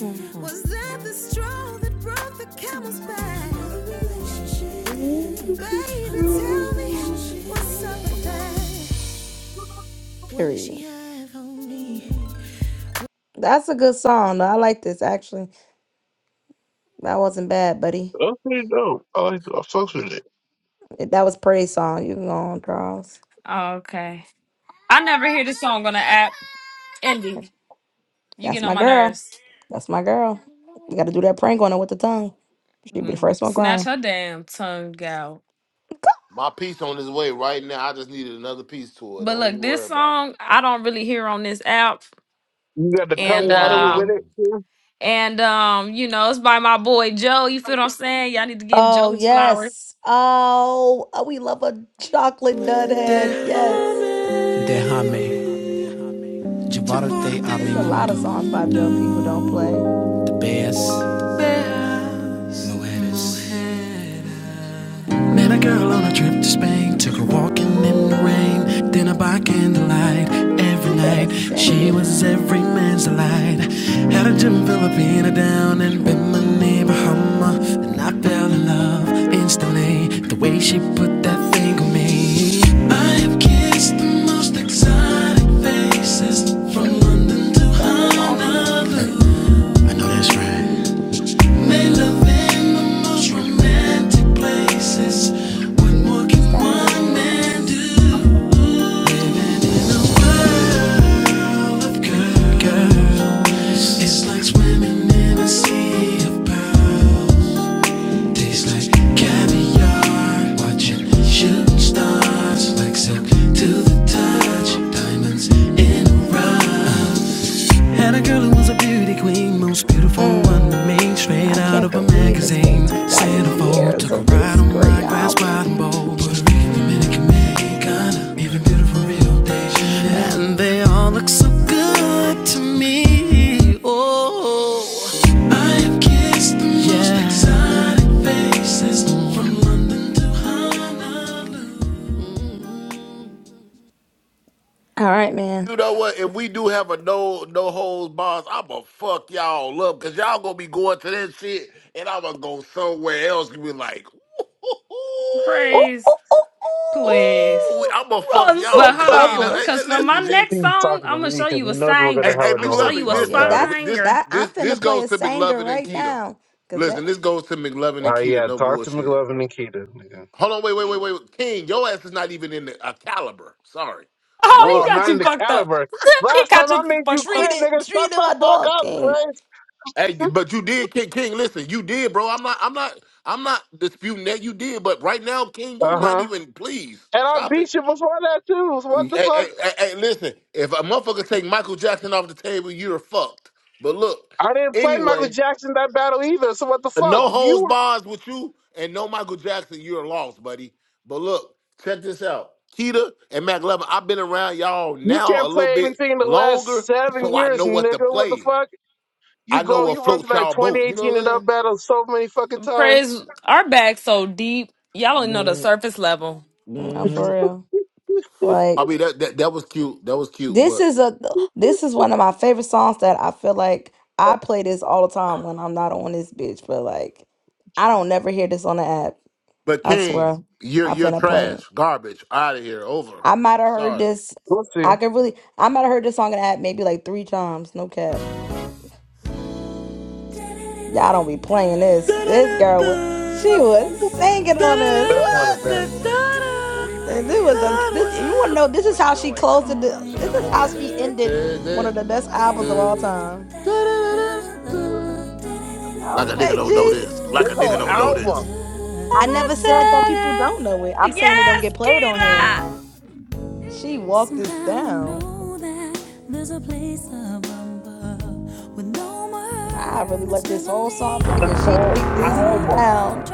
S8: Period. That's a good song. though. I like this actually. That wasn't bad, buddy.
S9: Okay, dope. I like I fucks with it.
S8: It- That was praise song. You can go on, Charles.
S3: Okay. I never hear this song on the app. Indy, you
S8: That's
S3: get
S8: my
S3: on my
S8: girl.
S3: nerves.
S8: That's my girl. You got to do that prank on her with the tongue. She'd be the
S3: Mm,
S8: first one
S3: Snatch
S8: crying.
S3: her damn tongue out.
S1: My piece on his way right now. I just needed another piece to it.
S3: But
S1: Don't
S3: look,
S1: you
S3: this
S1: worry about
S3: song I don't really hear on this app,
S9: You got to
S1: it.
S9: cut
S3: and
S9: water with
S3: um,
S9: it
S1: Mm.
S9: too?
S3: and um, you know, it's by my boy Joe. You feel what I'm saying? Y'all need to give
S8: Oh
S3: Joe his flowers,
S8: yes. Oh, oh, we love a chocolate dud head. Yes.
S4: Déjame llevarte a mi
S8: It's a lot
S4: mundo.
S8: of songs by Joe people don't play.
S4: The best Met a girl on a trip to Spain, took her walking in the
S8: Ooh,
S4: rain, dinner by candlelight
S8: You
S4: every
S8: better
S4: night.
S8: sing
S4: She
S8: it.
S4: was every man's delight. Had a gym Filipina down in
S8: Mhm.
S4: Bimini, Bahama, and I fell in love instantly. The way she put that thing on me. I have kissed the most exotic faces from
S8: Hey,
S4: London
S8: he
S4: to
S8: started walking it.
S4: Honolulu.
S8: Hey.
S4: I know that's right. They live in the most romantic places. What more
S8: What's
S4: can
S8: that man
S4: one
S8: name?
S4: man do?
S8: What's
S4: Living in a world of girls. It's like swimming in a sea of pearls. Tastes like caviar. Watching shooting stars. Like silk to the touch. Diamonds in a rush. Had a girl who was a beauty queen, most beautiful one to
S8: mm,
S4: me, straight
S8: I
S4: out
S8: can't
S4: of a
S8: believe it's been
S4: magazine.
S8: 20
S4: Centerfold,
S8: years
S4: took a
S8: of
S4: ride
S8: this
S4: on
S8: great
S4: my glass
S8: album.
S4: bottom bowl. Puerto Rican, Dominican, Mexicana, even beautiful Rio de Janeiro. And they all look so good to me. Oh, I have kissed the most yeah. exotic faces
S8: Mm.
S4: from London to Honolulu.
S8: All right, man.
S1: You know what? If we do have a no no holds bars, I'ma fuck y'all up because y'all gonna be going to that shit, and I'ma go somewhere else and be like, ooh,
S8: Oh,
S3: praise,
S8: oh, oh,
S3: please.
S1: ooh,
S8: oh!
S1: I'ma fuck
S8: Run for
S3: But
S1: y'all
S3: hold
S1: clean up.
S3: on,
S8: cover.
S1: Hey, hey,
S3: cause for my
S1: listen, G.
S3: next
S9: He's
S3: song,
S9: talking to
S3: I'm gonna
S9: me
S3: show
S9: because he
S3: you a
S9: knows we're
S1: Hey,
S9: gonna
S3: singer.
S1: hey,
S9: have a
S3: I'm gonna
S9: no
S3: show
S9: holds
S1: McLovin,
S3: you a
S9: barred
S8: Yeah,
S1: listen.
S9: battle.
S8: that's
S1: This
S3: singer.
S8: that. I'm
S1: this this
S8: finna play
S1: goes
S8: a
S1: to
S8: sanger
S1: McLovin and
S8: right
S1: Keita.
S8: now, cause that
S1: Listen, this goes to McLovin and
S9: Oh
S1: Keita.
S9: yeah,
S1: No
S9: talk to
S1: bullshit.
S9: McLovin and Keita. nigga.
S1: Hold on, wait, wait, wait,
S8: yeah.
S1: wait. King, your ass is not even in the, a caliber. Sorry, but
S9: Oh,
S3: Oh,
S1: look.
S3: he
S9: I'm
S3: got
S9: not in
S3: you
S9: the
S3: fucked up.
S9: caliber.
S3: he
S9: Last time
S3: got
S9: I
S3: you
S9: made you
S3: fucked up.
S8: treat
S9: quit,
S8: it,
S9: nigga.
S8: treat
S9: Shut
S8: it,
S9: the
S8: my
S9: fuck
S8: dog
S9: up,
S8: king.
S9: Prince.
S1: Hey, but you did, King. King, listen, you did, bro. I'm not, I'm not, I'm not disputing that you did. But right now, King, you
S9: Uh
S1: not
S9: huh.
S1: even. Please
S9: And I
S1: stop it.
S9: beat you before that too. So what
S1: Mm,
S9: the
S1: Hey, hey,
S9: fuck?
S1: hey, hey, listen, if a motherfucker take Michael Jackson off the table, you're fucked. But look,
S9: I didn't play Michael
S1: anyway,
S9: Jackson that battle either. So what the
S1: uh,
S9: fuck?
S1: no
S9: You
S1: holds
S9: were
S1: bars with you, and no Michael Jackson, you're lost, buddy. But look, check this out. Keita and Mac Levin, I've been around y'all
S9: you
S1: now a
S9: can't
S1: little
S9: play
S1: bit
S9: anything in the
S1: longer,
S9: last seven
S1: so I
S9: years,
S1: know what to
S9: nigga. What the
S1: play.
S9: fuck? You
S1: I know
S9: go,
S1: what
S9: you run to
S1: floats
S9: that
S1: y'all boat. You know
S9: 2018 and
S1: what
S9: up battle so many fucking times.
S3: Praise our bag so deep, y'all
S1: I'm
S3: don't know the
S1: saying?
S3: surface level.
S8: No, for
S1: Mhm.
S8: real.
S1: I
S8: Like
S1: mean that, that that was cute. That was cute.
S8: This
S1: But
S8: is a this is one of my favorite songs that I feel like I play this all the time when I'm not on this bitch, but like I don't never hear this on the app.
S1: but
S8: I
S1: King,
S8: swear.
S1: you're
S8: I
S1: you're
S8: finna play
S1: trash,
S8: it.
S1: garbage, out of here, over.
S8: I might have heard
S1: Sorry.
S8: this.
S9: We'll see.
S8: I could really I might have heard this song in the app maybe like three times, no cap. Y'all don't be playing this. This girl was
S1: Da-da-da-da.
S8: she was singing on this.
S9: That's one of them.
S8: What? And it was a this you wanna
S1: Da-da-da-da-da-da-da.
S8: know this is how she closed it. This is
S1: Come
S8: how
S1: on,
S8: she
S1: man.
S8: ended
S1: Da, da,
S8: one of the best albums of all
S1: da,
S8: time.
S1: da, da, da, da. Like a nigga
S8: Okay,
S1: don't know
S8: G.
S1: this.
S9: This
S1: Like a nigga
S9: whole
S1: don't know this.
S9: album,
S8: I never said that people
S3: Da-da-da-da.
S8: don't know it. I'm saying it don't get
S3: Yes,
S8: played on here.
S3: Kira.
S8: She walked this down. I really let this whole song play
S9: this
S8: because she
S9: whole
S8: ate this
S9: album.
S8: down.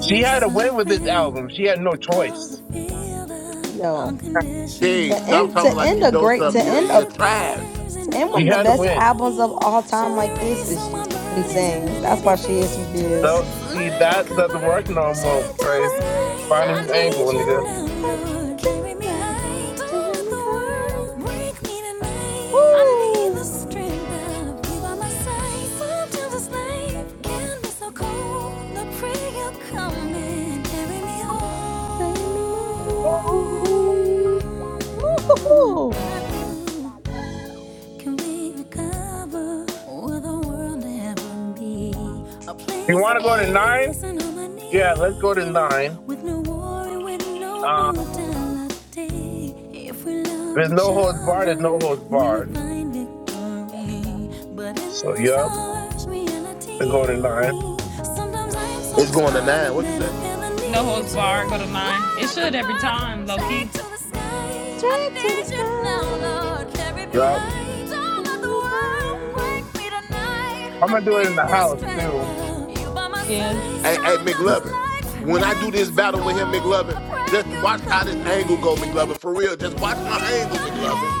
S9: She had to win with this album. She had no choice.
S8: Yo,
S1: King,
S8: to
S1: stop
S8: end
S1: talking
S8: to
S1: like
S8: end
S1: you
S8: a
S1: know
S8: great
S1: something.
S8: to
S1: You,
S8: end a
S1: you're
S8: to
S1: trash.
S8: end one
S9: She
S8: of the
S9: had to
S8: best
S9: win.
S8: albums of all time like this is just insane. That's why she is who she
S9: Though,
S8: is.
S9: see, that doesn't work no more,
S8: Like a
S9: Chris.
S8: bird
S9: Find
S8: free
S9: his
S8: to
S9: angle,
S8: the
S9: nigga.
S8: wild, I need you, my love, i me high. Whoo! Miami Moan. woo hoo
S9: You want to go to
S8: Bam.
S9: nine? Yeah, let's go to nine. Uh, there's no holds barred. There's no holds barred. So, yep, let's go to nine.
S1: It's going to nine. What you say?
S3: No holds bar, go to nine. It should every time, low key.
S8: Straight to the sky.
S9: Yep.
S8: giving me high.
S9: I'm going to do it in the house, too.
S3: Yeah.
S1: Hey, hey, McLovin. When I do this battle with him,
S8: Mhm.
S1: McLovin, just watch how this angle go, McLovin. For real, just watch my angle, McLovin.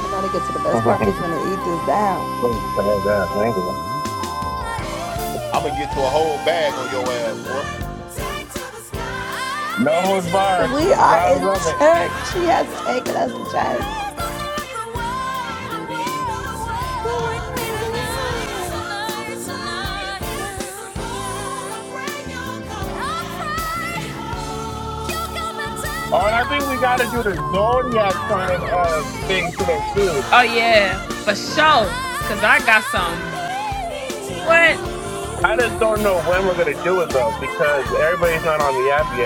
S8: I gotta get to the best part. She's finna eat this down.
S9: Please tell that angle.
S1: I'm gonna get to a whole bag on your ass, boy.
S9: No holds barred.
S8: We are
S9: I
S8: in
S9: love it.
S8: church. She has taken us to church. The world, the world.
S9: Oh, and I think we got to do the zodiac sign uh, thing today, too.
S3: Oh yeah, for sure. Cause I got some. What?
S9: I just don't know when we're going to do it, though, because everybody's not on the app yet.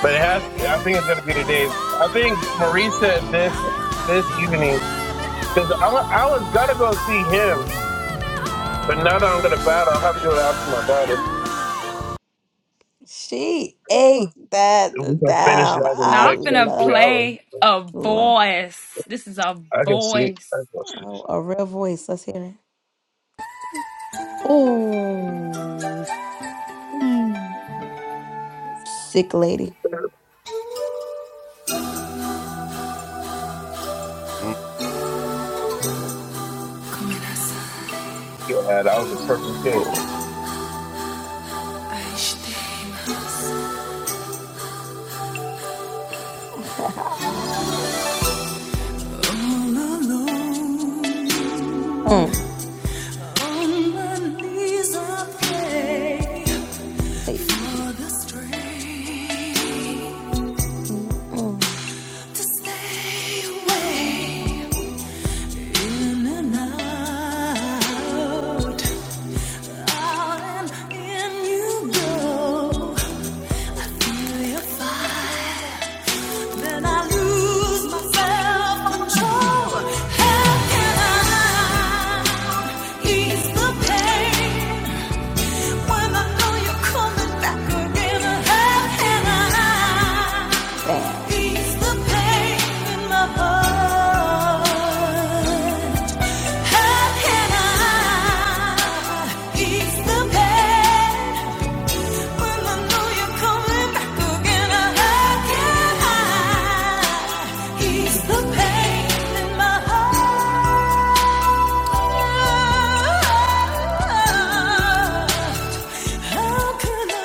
S9: But it has to be. I think it's gonna be today. I think Marie said this this evening because I was gonna go see him, but now that I'm gonna battle, I'll have to do it after my battle.
S8: She ate
S9: We
S8: that
S9: can finish
S8: down.
S9: that in the
S8: I
S3: Now I'm
S9: next like,
S3: finna
S9: three
S8: love,
S9: hours.
S3: play a
S8: love.
S3: voice. This is a
S9: I can see. it.
S3: voice.
S9: I can see. it.
S8: Oh, a real voice. Let's hear it. Oh, mm. sick lady.
S4: That's
S9: Yeah, that was a perfect hit.
S8: Oh,
S4: HD.
S8: mm.
S4: Mona Lisa.
S8: Hey.
S4: For the strength
S8: mm, mm.
S4: to stay awake in and out, out and in you go. Will fight that I lose my control How can I ease the pain when I know you're coming back again? How can I?
S8: Damn.
S4: How can I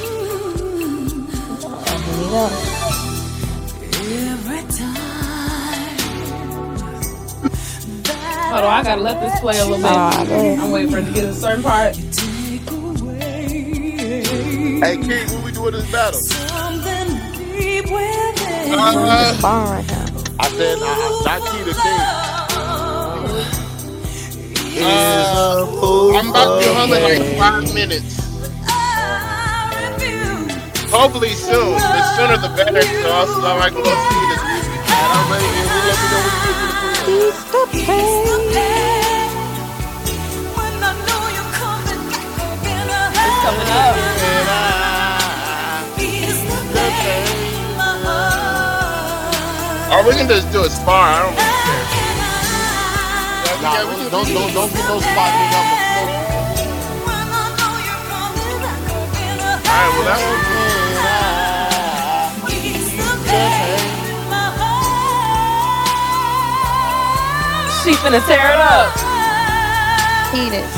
S4: love
S8: Oh, here you go.
S4: Hold
S3: Hold
S4: on,
S3: on, I
S4: I gotta
S3: gotta
S4: let
S3: let this
S4: this play
S3: play a
S4: a
S3: little
S4: little
S8: No,
S4: bit.
S3: bit.
S8: no, no. Go ahead.
S3: I'm
S4: I'm
S3: waiting
S4: waiting for
S3: for
S4: it
S3: it
S4: to
S3: to
S4: get
S3: get
S4: to a
S3: a
S4: certain
S3: certain part.
S4: part.
S1: Hey, King, when we doing this battle?
S8: When we just
S9: Uh,
S8: spawn right now.
S1: I said, I, I, not key to King.
S13: Is
S9: uh,
S13: a fool
S9: I'm about to be
S13: for
S9: home in like five
S13: pain.
S4: It's
S9: minutes.
S13: I'm with you.
S9: Hopefully
S3: To
S9: soon. The sooner
S3: love
S9: the better, because also
S3: you
S9: I can
S4: coming
S9: go see
S3: again.
S9: this movie.
S1: All right, I'm ready. Then just let me know when you get to the crib,
S4: up.
S1: man.
S8: Ease the
S4: Is
S8: pain.
S1: The can I
S4: the
S1: ease the
S4: pain in
S1: pain?
S4: my
S9: Or we can
S4: heart.
S9: just do a spar. I don't really care. Yeah, we
S1: Nah,
S9: yeah we can
S1: don't
S9: we
S1: don't
S9: can just
S1: don't
S9: do a
S1: don't get
S9: split.
S1: no spot, nigga. I'ma smoke you, nigga.
S9: All right, well that's for
S1: How
S9: you.
S1: can I ease the pain?
S13: Mm.
S4: She's
S3: She finna
S4: gonna tear
S3: tear
S4: it
S3: it
S4: up.
S3: up.
S8: Eat it.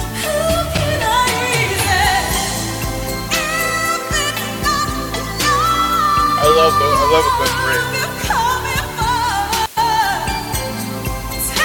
S9: I love the I love a good bread.
S4: Baby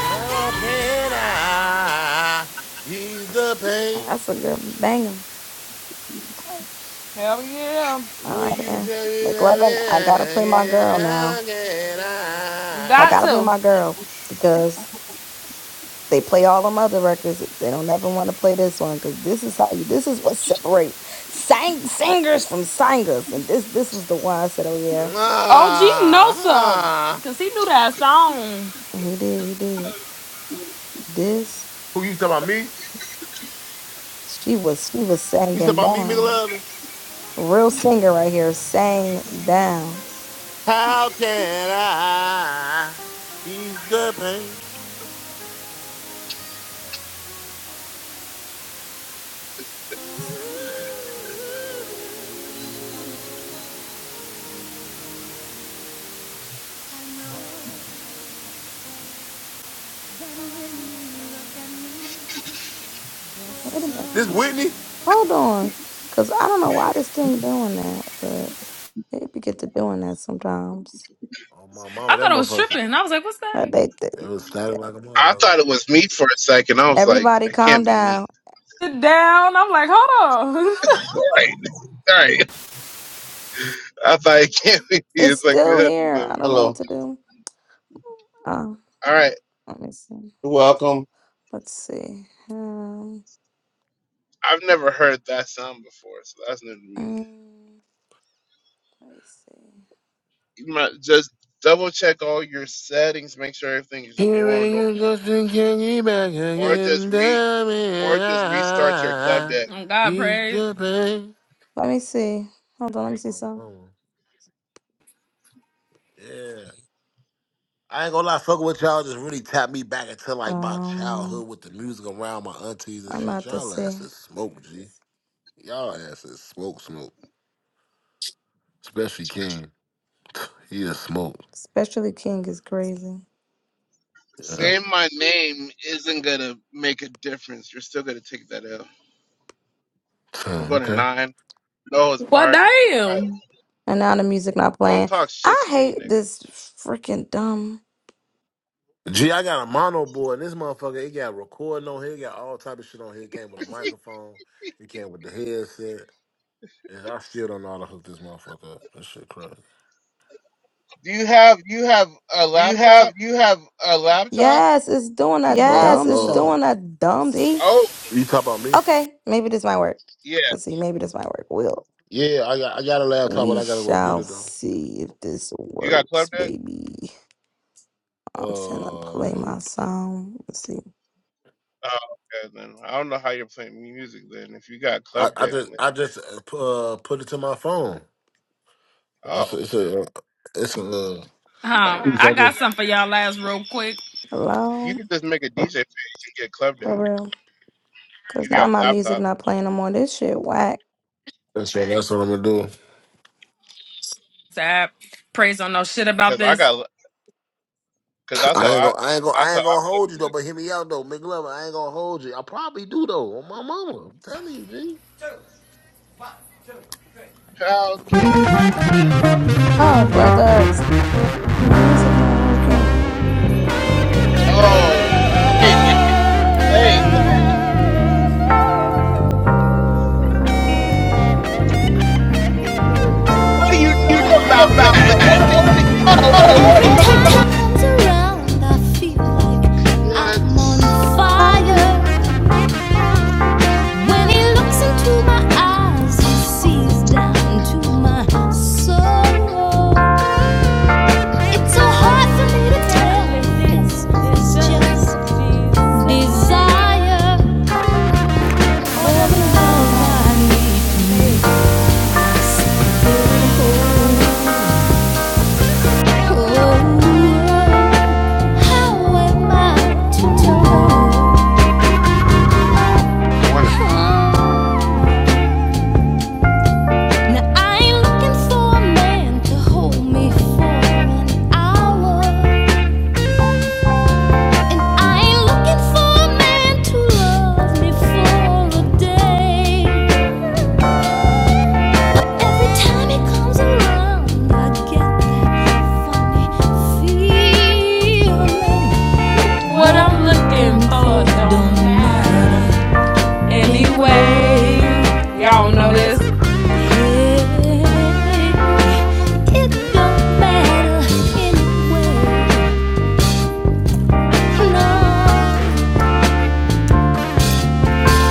S1: How can I ease the pain?
S8: That's a good banger.
S3: Hell yeah.
S8: All
S1: When
S8: right,
S1: you
S8: man.
S1: tell me that,
S8: McLovin, I gotta play my
S1: it
S8: girl
S1: ain't, how
S8: now.
S1: can
S8: I
S3: got
S8: gotta
S1: I?
S8: play
S3: to.
S8: my girl because. they play all them other records. They don't ever want to play this one because this is how you. This is what separate sang singers from singers. And this this was the one I said, oh yeah,
S3: OG
S8: sh-
S3: know
S1: Ah,
S3: some.
S1: ah.
S3: Cause he knew that song.
S8: he did, he did. This
S1: Who you talking about me?
S8: she was she was
S1: You talking
S8: singing
S1: about me,
S8: down.
S1: McLovin?
S8: Real singer right here, sang down.
S1: How can I ease the pain?
S8: Wait a minute,
S1: This Whitney?
S8: hold on, cause I don't know why this thing doing that, but it be get to doing that sometimes.
S1: Oh my
S3: I
S1: mama, that
S3: thought I was
S1: motherfucker!
S3: tripping. I was like, what's that?
S8: Like they, they-
S1: It was static
S8: they-
S1: like a
S9: I
S1: motherfucker.
S9: thought it was meat for a second. I was like,
S8: everybody
S9: it
S8: calm
S9: can't be me.
S8: down.
S3: Sit down. I'm like, hold on.
S9: Right, right. I thought it can't be me.
S8: It's
S9: It's like it
S8: still
S9: had to
S8: here. I
S9: be.
S8: don't know what
S13: Hello.
S8: to do. Ah,
S9: All right,
S8: let me see.
S13: You're welcome.
S8: Let's see. Um,
S9: I've never heard that sound before, so that's new to me.
S8: mm, let me see.
S9: You might just double check all your settings, make sure everything is
S1: Here I
S9: normal
S1: am, just in candy back
S9: or just
S1: again.
S9: re
S1: Damn
S9: or
S1: it,
S9: just restart your club
S1: I
S9: deck.
S3: oh God
S1: ease
S3: praise.
S1: the pain.
S8: Let me see. Hold on, let me see some.
S1: Yeah. I ain't gonna lie, fuck with y'all just really tapped me back into like my
S8: Um,
S1: childhood with the music around my aunties and
S8: I'm
S1: shit.
S8: about to
S1: Y'all
S8: see.
S1: asses smoke, G. Y'all asses smoke, smoke. Especially King. He a smoke.
S8: Especially King is crazy.
S1: Yeah.
S9: Saying my name isn't gonna make a difference. You're still gonna take that L. We're going to
S1: okay.
S9: nine. No, it's
S3: Well
S9: Bard. Alright.
S3: damn.
S8: And now the music not
S9: Don't
S8: playing.
S9: talk shit
S8: I
S9: to me,
S8: hate
S9: nigga.
S8: this freaking dumb.
S1: G, I got a mono board. This motherfucker, it got recording on here. It got all type of shit on here. It came with a microphone. It came with the headset. Yeah, I still don't know how to hook this motherfucker up. This shit crazy.
S9: Do you have you have a
S12: Do you have
S9: laptop?
S12: you have a laptop?
S8: Yes, it's doing that
S1: Uh,
S8: dumb stuff. See?
S9: Oh
S1: you talk about me?
S8: Okay, maybe this might work.
S9: yeah,
S8: Let's see. Maybe this might work. Will.
S1: Yeah, I got I got a laptop, but
S8: We
S1: I gotta go get
S8: shall
S1: it though.
S8: see if this
S9: you got club
S8: works,
S9: deck.
S8: baby. I'm finna
S1: Uh,
S8: play my
S1: nope.
S8: song. Let's see.
S9: Oh okay, then I don't know how you're playing music then. If you got
S1: I,
S9: club
S1: I
S9: deck,
S1: just
S9: then-
S1: I just uh, pu- uh, put it to my phone. Just
S9: oh
S1: it's
S9: shit,
S1: a uh, it's a uh,
S3: Um,
S1: piece I Oh.
S3: I
S1: just.
S3: got something for y'all last real quick.
S9: you
S8: Hello,
S9: could just make a DJ page and get club
S8: for
S9: deck
S8: real. Cause
S9: if you
S8: now
S9: have a
S8: my music
S9: laptop.
S8: not playing no more. This shit whack.
S1: That's what, that's what I'm gonna do.
S3: Sad. Praise don't know shit about
S9: Cause I
S3: this.
S9: got cause that's how
S1: I ain't
S9: I
S1: gonna, I ain't gonna,
S9: that's
S1: I
S9: how
S1: ain't
S9: I
S1: gonna
S9: play
S1: hold you though.
S9: music.
S1: But hear me out though, McLovin. I ain't gonna hold you. I probably do though. On my mama, I'm telling you, G.
S9: How can I?
S8: Oh, brother, it's- my music not working.
S9: Oh wait, that- wait. What do you
S12: You
S9: know
S12: talk
S9: about
S12: about
S9: that? What
S12: that.
S9: do you know? What
S12: Oh,
S9: do you
S12: what are you Every time
S4: like
S9: know?
S8: Fire.
S4: When in my eyes, he sees down to my soul. It's so hard for me to tell if this is just Desire more than love I need to make my whole. Oh, how am I to know?
S13: Morning.
S4: Now I ain't looking for a man to hold me for an hour, and I ain't looking for a man to love me for a day. Every time it comes around, I get that funny feeling
S3: What I'm looking
S4: looking for
S3: for don't matter. Anyway.
S4: Y'all
S3: Y'all don't know this.
S4: It don't matter anyway. No.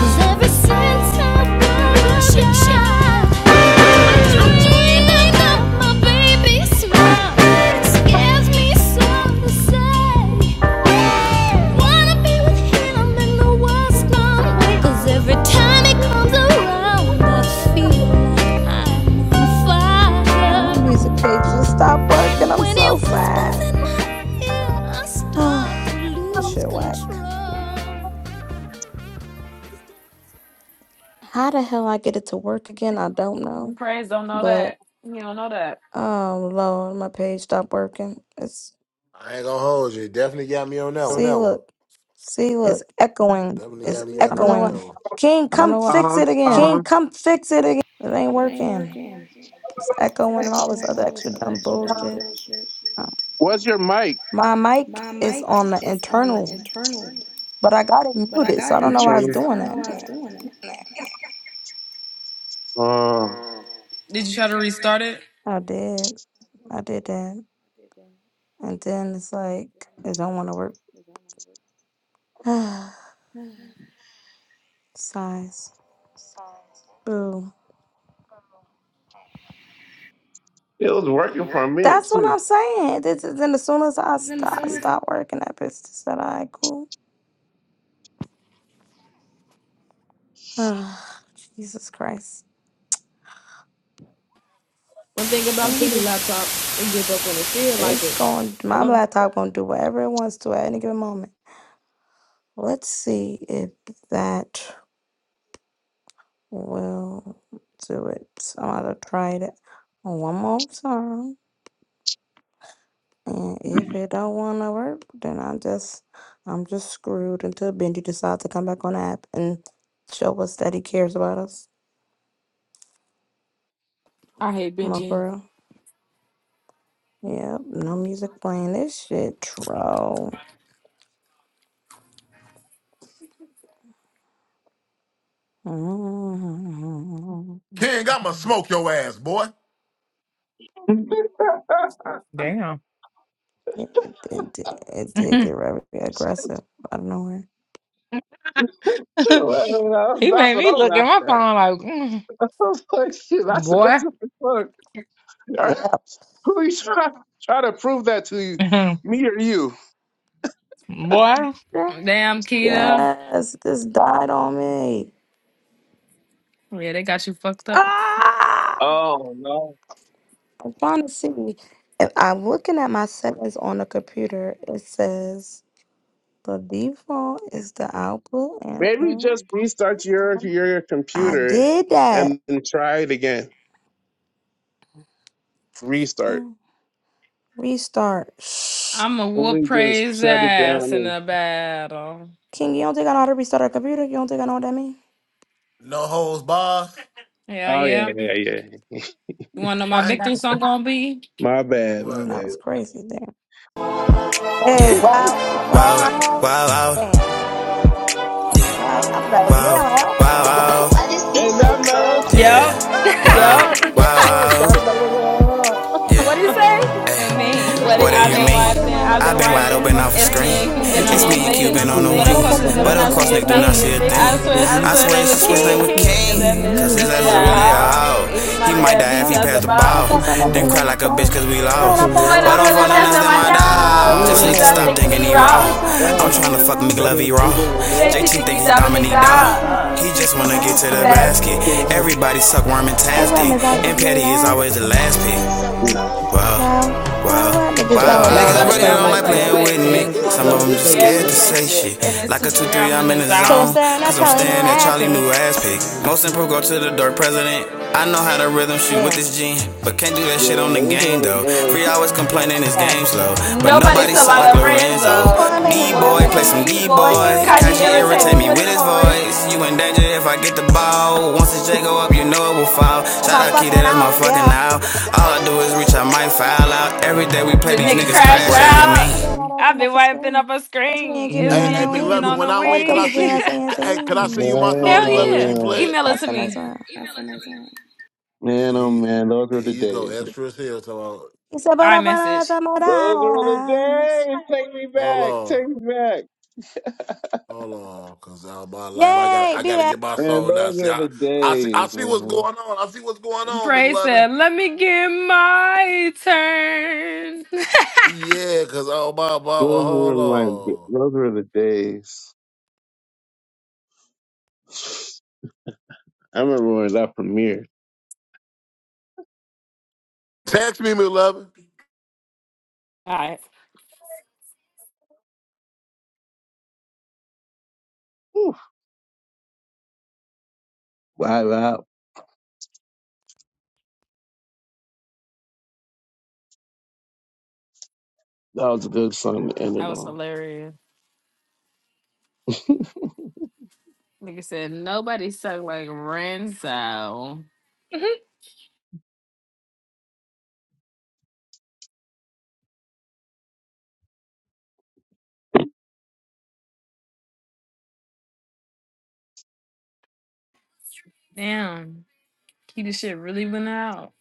S4: 'Cause ever since I was a child, I dreamed about my baby's smile. It scares me so to say. Wanna be with him in the world's gone way. 'Cause every time he comes around, I feel like I'm on
S8: Yeah,
S4: fire.
S8: my music page just stopped working. I'm
S4: When he
S8: so
S4: whispers
S8: sad.
S4: in my ear, I start to
S8: this
S4: lose
S8: shit whack.
S4: control.
S8: How the hell I get it to work again? I don't know.
S3: Praise don't know
S8: But
S3: that. You don't know that.
S8: oh Lord, my page stopped working. It's
S1: I ain't gonna hold you. Definitely got me on that one.
S8: see, look, it's echoing.
S1: Definitely got me on
S8: I don't
S1: that
S8: know why.
S1: one.
S8: King, come
S9: what?
S8: fix it again. It ain't working. It's echoing and all this other extra dumb bullshit. Uh,
S9: What's your mic?
S8: My mic is on the internal, but I got it muted, so I don't
S9: I'm
S8: know why I was
S9: trying.
S8: doing that. Yeah.
S9: Uh,
S12: Um,
S3: Did you try to restart it?
S8: I did. I did that. And then it's like, it don't want to work. Size. Boo.
S9: it was working for a minute
S8: That's what
S9: too.
S8: I'm saying. This is, and as soon as I stop, stop working that business, that I cool. Jesus Christ.
S3: One thing about
S8: See?
S3: Key, the laptop, it give up when it feel like
S8: It's
S3: it.
S8: going, my
S3: Hello.
S8: laptop going to do whatever it wants to at any given moment. Let's see if that. we will do it some other try it one more time. And if it don't wanna work, then i just I'm just screwed until Benji decides to come back on the app and show us that he cares about us.
S3: I hate
S8: No
S3: binging.
S8: for real. Yep, no music playing. This shit troll.
S1: King, I'ma smoke your ass, boy.
S10: damn.
S8: Yeah, It, it, did- it did get very aggressive out of nowhere.
S9: Uh,
S10: he
S9: That's
S10: made
S9: what
S10: me
S9: I'm
S10: look at
S9: laughing
S10: my
S9: at.
S10: phone
S9: I
S10: like, mm,
S9: was like, shit, that's
S10: boy,
S9: aggressive as fuck. Uh,
S8: Yep.
S9: Who you trying try to prove that to you? Me or you?
S10: boy.
S3: Damn, Keita.
S8: Yes, this died on me.
S3: Yeah, they got you fucked up.
S8: Ah! I'm trying to see. If I'm looking at my settings on the computer, it says the default is the output
S9: Maybe
S8: input.
S9: just restart your your
S8: I
S9: computer
S8: did that.
S9: and, and try it again. Restart.
S8: Yeah. Restart. Shh.
S3: I'ma whoop
S9: Fully just
S3: praise
S9: shut it down.
S3: ass in
S9: And,
S3: the battle.
S8: King, you don't think I know how to restart a computer? You don't think I know what that means?
S1: No holes, boss.
S3: Hell
S9: oh yeah,
S3: yeah.
S9: yeah, yeah. yeah.
S3: You wanna know my
S1: I
S3: victory song gonna be?
S9: My,
S1: what?
S8: That was crazy. Damn. Hey,
S4: Yeah,
S8: wow.
S4: wow,
S8: Wow.
S4: wow, wow.
S8: Damn.
S4: Yeah,
S8: Wow. I thought that was me.
S4: wow,
S8: I'm
S4: wow, wow,
S8: like,
S4: yeah,
S3: Yup.
S4: wow,
S8: oh.
S4: wow, wow, yeah.
S8: What do you
S4: What,
S3: me.
S8: mean?
S4: what do
S3: I've
S4: you
S3: been
S4: mean?
S8: I've been
S3: wiping
S8: wide up
S3: my
S8: and
S4: I've
S8: up
S4: been
S8: a
S4: wide open
S3: screen.
S8: screen.
S4: off a
S3: It's
S4: screen.
S8: It's
S3: me
S8: me
S3: and Cube
S8: and you
S3: been
S8: been
S3: on
S4: It's
S3: the
S8: on
S4: me
S8: a
S4: and Cuban
S8: wing.
S4: on the
S3: wing. But of
S8: But of
S4: wings.
S3: course
S8: course,
S3: I
S8: I do
S3: do
S4: But
S8: not
S3: not
S8: say
S4: of course,
S8: a
S3: see a
S4: nigga do not see
S3: thing.
S4: a
S8: thing.
S4: thing.
S3: I swear
S4: I
S3: she's the
S4: swear
S3: same
S4: it's a
S3: with
S4: switch name with
S3: King.
S8: Ting!
S3: Cause that
S4: King.
S3: is
S4: Cause his
S3: really
S4: ass
S3: a
S4: is
S8: Oh,
S4: really a
S3: hog.
S4: hoe.
S3: Even my
S4: He might
S3: dad
S4: die
S3: beat
S4: if he
S3: past
S8: oh.
S3: the
S4: passed the
S3: bob.
S8: And
S4: ball.
S8: pass on that big
S4: Then cry
S8: lucky
S4: like a bitch
S8: boat.
S4: cause we
S8: And
S4: lost.
S8: I fall
S3: But
S8: out
S4: But
S3: I'm
S4: I'm for
S3: finna
S4: them,
S3: that's
S4: that's
S3: in
S4: them
S3: my
S4: my
S8: sometimes.
S3: dogs.
S4: dog.
S3: Just
S4: Just
S3: need to
S4: need to
S3: stop
S4: stop
S3: thinking
S4: thinking
S3: he
S4: he raw.
S8: I'm
S3: raw.
S8: starting to
S4: I'm tryna
S8: particularly
S4: fuck
S8: wrong.
S4: McLovey raw.
S3: JT
S4: JT
S3: think he
S4: think he
S3: dominate
S4: Dominique dog.
S8: Thanks for
S3: dog
S8: sending a
S4: He
S8: kick
S4: just
S8: to the
S4: wanna get to
S8: basket.
S4: the basket.
S8: And
S3: basket.
S4: Everybody suck worm and Taz
S8: where
S4: dick.
S8: Miss Off is
S4: And
S8: the
S4: Petty is
S8: last
S4: always the last pick
S8: king.
S4: wow,
S8: Well,
S4: wow,
S8: well, well, niggas
S4: wow.
S8: don't, don't
S3: Niggas
S4: Niggas
S8: want to
S3: really
S4: really
S8: play
S3: don't
S4: don't
S3: like
S4: like
S8: Nick
S3: playing
S8: Nick.
S4: playing
S3: with
S4: with
S8: So
S4: me.
S8: niggas
S3: Nick.
S8: just
S3: Most
S4: Some
S3: of
S4: of
S3: them
S8: scared
S4: them
S8: to
S3: just
S4: just
S8: say
S3: scared
S4: scared
S3: to
S4: to
S8: shit.
S3: say
S4: say
S3: shit. And
S4: shit.
S3: it's
S4: Like
S3: two
S4: a 2
S3: three
S4: 3,
S3: I'm in
S4: I'm
S3: the
S4: in the
S8: Cause I'm
S4: zone.
S3: zone.
S8: staring at
S4: Cause I'm
S8: Charlie New
S4: staring at Charlie new
S8: Attic.
S4: ass pick. Most improved go to the dirt president. I know how to rhythm shoot with
S8: Damn.
S4: this gene, but can't do that shit on the game though. Free always complaining his game
S8: Facts.
S4: slow, but
S3: Nobody
S4: nobody, Nobody
S3: still like
S4: suck like like Lorenzo.
S3: Lorenzo.
S8: D-boy, play
S3: D
S8: some
S4: D
S3: boy
S4: Boy, play
S3: facing
S4: some
S8: D-boy.
S3: D
S8: Got to
S3: boy.
S4: D-boy.
S8: irritate me
S3: Kaji
S8: with
S4: Kaji
S8: his
S3: irritate
S4: irritate
S3: me
S4: me
S3: with
S4: with
S3: his
S8: voice.
S4: his voice.
S3: voice.
S4: You in danger if I get the ball. Once the J go up, you know it will
S8: Shut-
S4: fall.
S8: That's
S4: Shout
S8: my
S4: out Key,
S8: fucking
S4: that's my
S8: out,
S4: fucking
S8: yeah.
S4: out. All I do is reach out, might foul out. Every day we
S3: The
S4: play
S8: What
S4: these
S8: do
S3: nigga
S8: you
S4: niggas crash
S3: crash
S8: mean?
S4: out
S8: I've
S4: with me.
S8: been
S3: out.
S8: right up
S3: I've
S8: enough
S3: been
S8: for
S3: wiping
S8: screen.
S3: up a
S8: That's me and
S3: screen.
S8: keeping
S3: It's
S1: Hey,
S8: on
S3: me
S1: hey,
S8: our
S3: and Cupid
S8: wings.
S1: McLovin.
S3: on
S1: When
S3: the
S1: I
S8: But
S1: win, can
S8: quick
S3: wing.
S1: I
S8: to do
S1: see you?
S8: not say a
S1: c- Hey, can I see you
S8: thing.
S1: my song,
S9: man,
S3: Hell
S1: McLovin,
S9: oh
S1: and you
S3: yeah.
S9: man,
S1: play it?
S3: Email it
S8: That's
S3: to
S8: the next
S3: me.
S8: one.
S9: man, oh
S1: See,
S9: man. Those were
S1: here
S9: the
S1: you go,
S9: days.
S1: Extras here. So uh,
S8: You said, but I found out
S3: iMessage.
S8: that's
S9: Those were the
S8: my eyes.
S9: days. Take me
S1: hold
S9: back.
S1: on,
S9: Take me back.
S1: hold on, cause all my life I got, to
S8: Yay,
S1: I
S8: be
S1: got to
S8: back.
S1: get my
S9: Man,
S1: song now.
S9: those
S1: See,
S9: were
S1: I,
S9: the
S1: I see, I
S9: days,
S1: see what's
S9: man.
S1: going on. I see what's going on,
S3: Praise
S1: McLovin.
S3: said, let me get my turn.
S1: Yeah, cause all my, my, my,
S9: Those were
S1: hold
S9: my,
S1: on.
S9: those were the days. I remember when that premiered.
S1: Text me, McLovin.
S3: All right.
S9: Live out.
S3: That was hilarious. Like I said, nobody sucked like Renzo. Damn. He the shit really went out.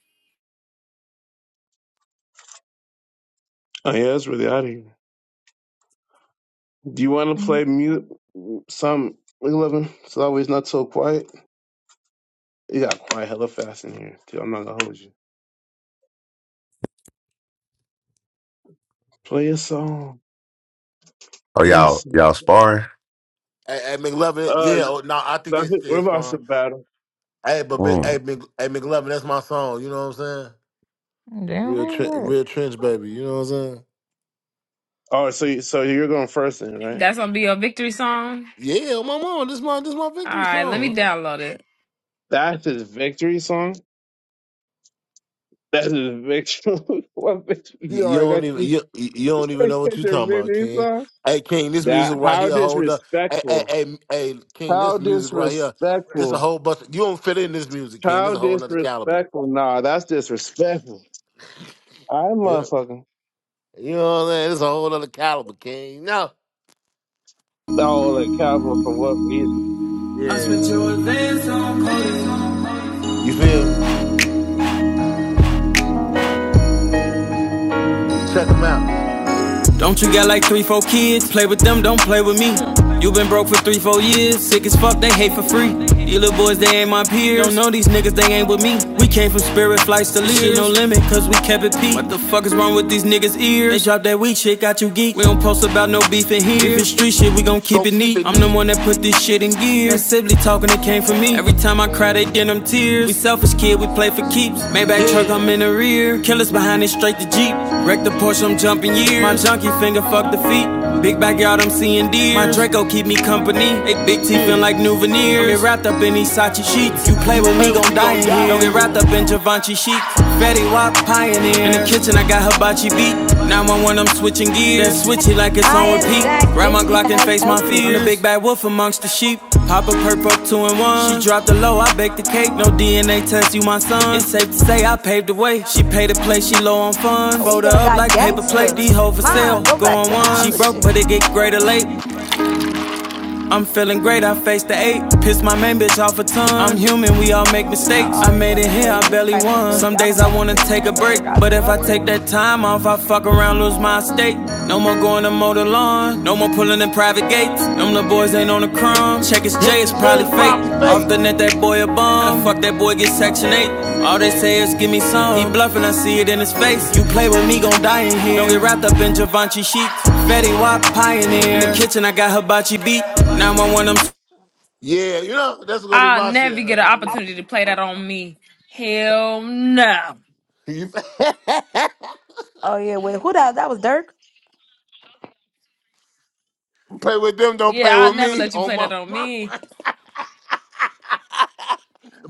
S9: Oh yeah, that's really out of here. Do you want to play mute some? Eleven. It's always not so quiet. It got quiet hella fast in here. Dude, I'm not gonna hold you. Play a song.
S13: Oh, y'all,
S9: Innocent.
S13: y'all sparring?
S1: Hey, hey McLovin.
S9: Uh,
S1: Yeah, oh, no, I think they
S9: that's it. We're
S1: still
S9: about
S1: spawn.
S9: to battle.
S1: Hey, but Mc- hey, Mc, hey, McLovin, that's my song. You know what I'm saying?
S10: Damn,
S1: Real tre-
S10: who is
S1: real trench baby, you know what I'm saying?
S9: Oh, so you, so you're going first then, right?
S3: That's gonna be a victory song.
S1: Yeah, my mama, this my this my
S3: All
S1: victory
S3: right, let me
S1: song.
S3: download it.
S9: That's his victory song. That's a victory. what victory?
S1: You,
S9: You
S1: you
S9: already got
S1: don't even
S9: you.
S1: you you
S9: You
S1: don't even
S9: already
S1: know what
S9: said
S1: you
S9: your
S1: talking about,
S9: victory
S1: King.
S9: song.
S1: Hey King, this
S9: That
S1: music right
S9: how
S1: here, hold up. Hey, hey,
S9: disrespectful.
S1: hey, hey King,
S9: How
S1: this music right here, this a
S9: disrespectful.
S1: whole bunch you don't fit in this music, King. This
S9: How
S1: a whole nother caliber.
S9: disrespectful. Nah, that's disrespectful. I
S1: Yeah.
S9: motherfucking.
S1: You know what I'm saying? This a whole nother caliber, King. No.
S9: Oh, like cowboy for what reason?
S4: I
S1: Yeah,
S4: spent
S1: man.
S4: your advance on coding.
S1: You feel me? Check them out.
S4: Don't you got like three, four kids? Play with them, don't play with me. You been broke for three, four years. Sick as fuck, they hate for free. You little boys, they ain't my peers. Don't know these niggas, they ain't with me. We came from spirit flights to leaders. Shit no limit, cause we kept it peak. What the fuck is wrong with these niggas' ears? They drop that weak shit, got you geek. We don't post about no beef in here. If it's street shit, we gon'
S1: Go
S4: keep it
S1: keep
S4: neat.
S1: it
S4: I'm the
S1: neat.
S4: one that put this shit in gear. That Sibley talk talking, it came from me. Every time I cry, they get them tears. We selfish kid, we play for keeps. Maybach truck, I'm
S1: Yeah.
S4: in the rear. Killers behind it, straight to Jeep. Wreck the Porsche, I'm jumping years. My junkie finger, fuck the feet. Big backyard, I'm seeing deer. My Draco keep me company. They big teeth feel
S1: Hmm.
S4: like new veneers. Don't get wrapped up in these Sachi sheets. You play
S1: You
S4: with
S1: play
S4: me,
S1: with
S4: gon'
S1: me,
S4: die
S1: gonna
S4: in here.
S1: die in
S4: Don't get wrapped
S1: here.
S4: up in Givenchy sheets. Fatty Wap pioneer. In the kitchen, I got hibachi beat. 911, I'm switching gears. Then switch it like it's
S8: I
S4: on
S8: am
S4: repeat.
S8: back.
S4: Grab my
S8: Benji
S4: Glock and
S8: has
S4: face my
S8: helped
S4: fears. I'm the
S8: me.
S4: big bad wolf amongst the sheep. Pop a perp up two and one. She dropped the low, I baked the cake. No DNA test, you my son. It's safe to say I paved the way. She paid to play, she low on funds.
S8: Are we
S4: Fold her
S8: gonna
S4: up
S8: got
S4: like paper plate.
S8: gangster?
S4: D hoe for
S8: Ma,
S4: sale,
S8: go back
S4: going
S8: to the
S4: one. She
S8: other
S4: broke,
S8: shit.
S4: but it get greater late. I'm feeling great, I faced the eight. Piss my main bitch off a ton. I'm
S8: Yeah,
S4: human, we
S8: cause
S4: all
S8: it,
S4: make
S8: y'all
S4: mistakes. I
S8: always
S4: made
S8: want
S4: it
S8: to
S4: here,
S8: play
S4: I
S8: this
S4: barely
S8: type of
S4: won.
S8: Dirk.
S4: Some
S8: Y'all
S4: days
S8: don't
S4: I
S8: want to
S4: wanna
S8: play the
S4: take a
S8: type of
S4: break,
S8: Dirk I
S4: but
S8: grew
S4: if I
S8: up
S4: take
S8: on.
S4: that time off, I fuck around, lose my estate. No more going to mow the lawn, no more pulling in private gates. Them little boys ain't on the crumb. Check his J,
S1: Hector
S4: it's
S1: J
S4: probably
S1: is
S4: fake.
S1: probably
S4: Off
S1: fake.
S4: the net, that boy a bum. Fuck that boy, get section 8. All they say is give me some. He bluffing, I see it in his face. You play with me, gon' die in here. Don't get wrapped up in Givenchy sheets. Betty Wap pioneer. In the kitchen, I got hibachi beat. Now i want him.
S1: Yeah, you know, that's gonna be
S3: I'll
S1: my
S3: never
S1: shit,
S3: get an
S1: man.
S3: opportunity to play that on me. Hell no.
S1: Yeah.
S8: Oh yeah, wait, who that? That was Dirk.
S1: You play with them, don't
S3: Yeah,
S1: play
S3: I'll
S1: with
S3: never
S1: me
S3: let you
S1: on
S3: play that
S1: my
S3: on
S1: mama.
S3: me.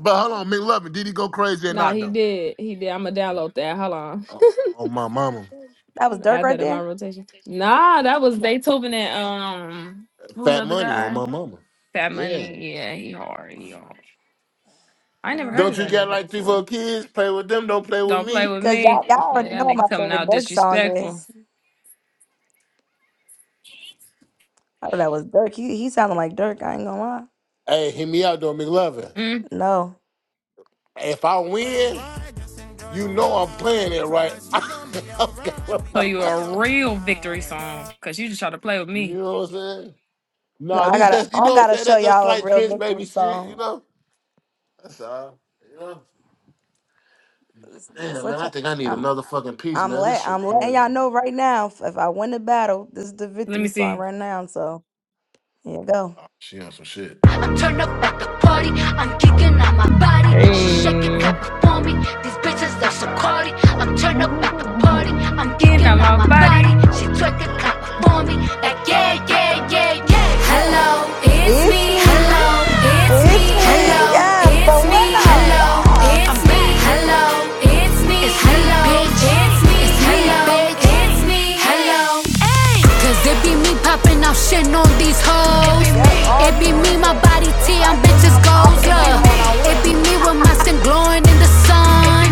S1: But hold on, McLovin, did he go crazy or
S3: Nah,
S1: not
S3: he
S1: though?
S3: did. He did. I'ma download that. Hold on.
S1: On on my mama.
S8: That was Dirk
S3: Add
S8: right
S3: that in my
S8: there.
S3: rotation. Nah, that was Beethoven and um, who was the
S1: Fat
S3: other
S1: money on
S3: guy?
S1: my mama.
S3: Fat
S1: Yeah.
S3: Money. Yeah, he hard. He hard. I never heard
S1: Don't
S3: of
S1: you
S3: that
S8: Man,
S1: got
S3: nigga
S1: like three,
S3: before.
S1: four kids? Play with them, don't play with
S3: Don't play
S1: me.
S3: with
S8: cause
S3: me.
S8: y'all y'all already
S3: Yeah, that
S8: know what
S3: nigga
S8: my
S3: coming
S8: favorite
S3: out
S8: Dirk song
S3: disrespectful.
S8: is. I thought that was Dirk. He he sounded like Dirk. I ain't gonna lie.
S1: Hey, hit me out though, McLovin.
S3: Mm.
S8: No,
S1: If I win, you know I'm playing it right. i with
S3: So
S1: my
S3: you
S1: mama.
S3: a real victory song, cause you just try to play with
S1: You
S3: me.
S1: know what I'm saying?
S8: no,
S1: Nah,
S8: I
S1: this
S8: gotta
S1: just you
S8: I
S1: know what I'm
S8: gotta
S1: saying.
S8: show
S1: That's just
S8: y'all a
S1: slight
S8: real
S1: trench
S8: victory
S1: baby shit. You
S8: song.
S1: know. That's all. right, You know.
S8: Let's, let's
S1: Damn man,
S8: let
S1: I
S8: y'all.
S1: think I need
S8: I'm
S1: another fucking piece,
S8: I'm
S1: man. This
S8: let
S1: shit
S8: I'm letting y'all
S1: crazy.
S8: know right now. If I win the battle, this is the
S3: Let
S8: victory
S3: me
S8: song
S3: see.
S8: right now. So here you go.
S1: Oh, she on some shit. Shit.
S12: up at the party, I'm geeking on my
S10: that?
S12: body. She shake it, clap
S10: Hey.
S12: it for me. These bitches are so cardi. I'm turn up at the party, I'm
S3: Getting on
S12: geeking on
S3: my
S12: my
S3: body.
S12: body. She twerk it, clap it for me. Like yeah, yeah, yeah, yeah.
S8: It's me. It's me. Yes, the winner. Yeah.
S12: It's me. It's hello. It's me. It's hello. It's me. Hello. Ay. Cause it be me popping off shit on these hoes.
S8: Yep. All
S12: It
S8: you
S12: be me, my
S8: losers.
S12: body
S8: Th- This
S12: T, I'm
S8: how this how
S12: bitches
S8: I'm
S12: goals.
S8: popping it on
S12: Look.
S8: y'all when I
S12: It be
S8: win.
S12: me with my skin glowing in the sun.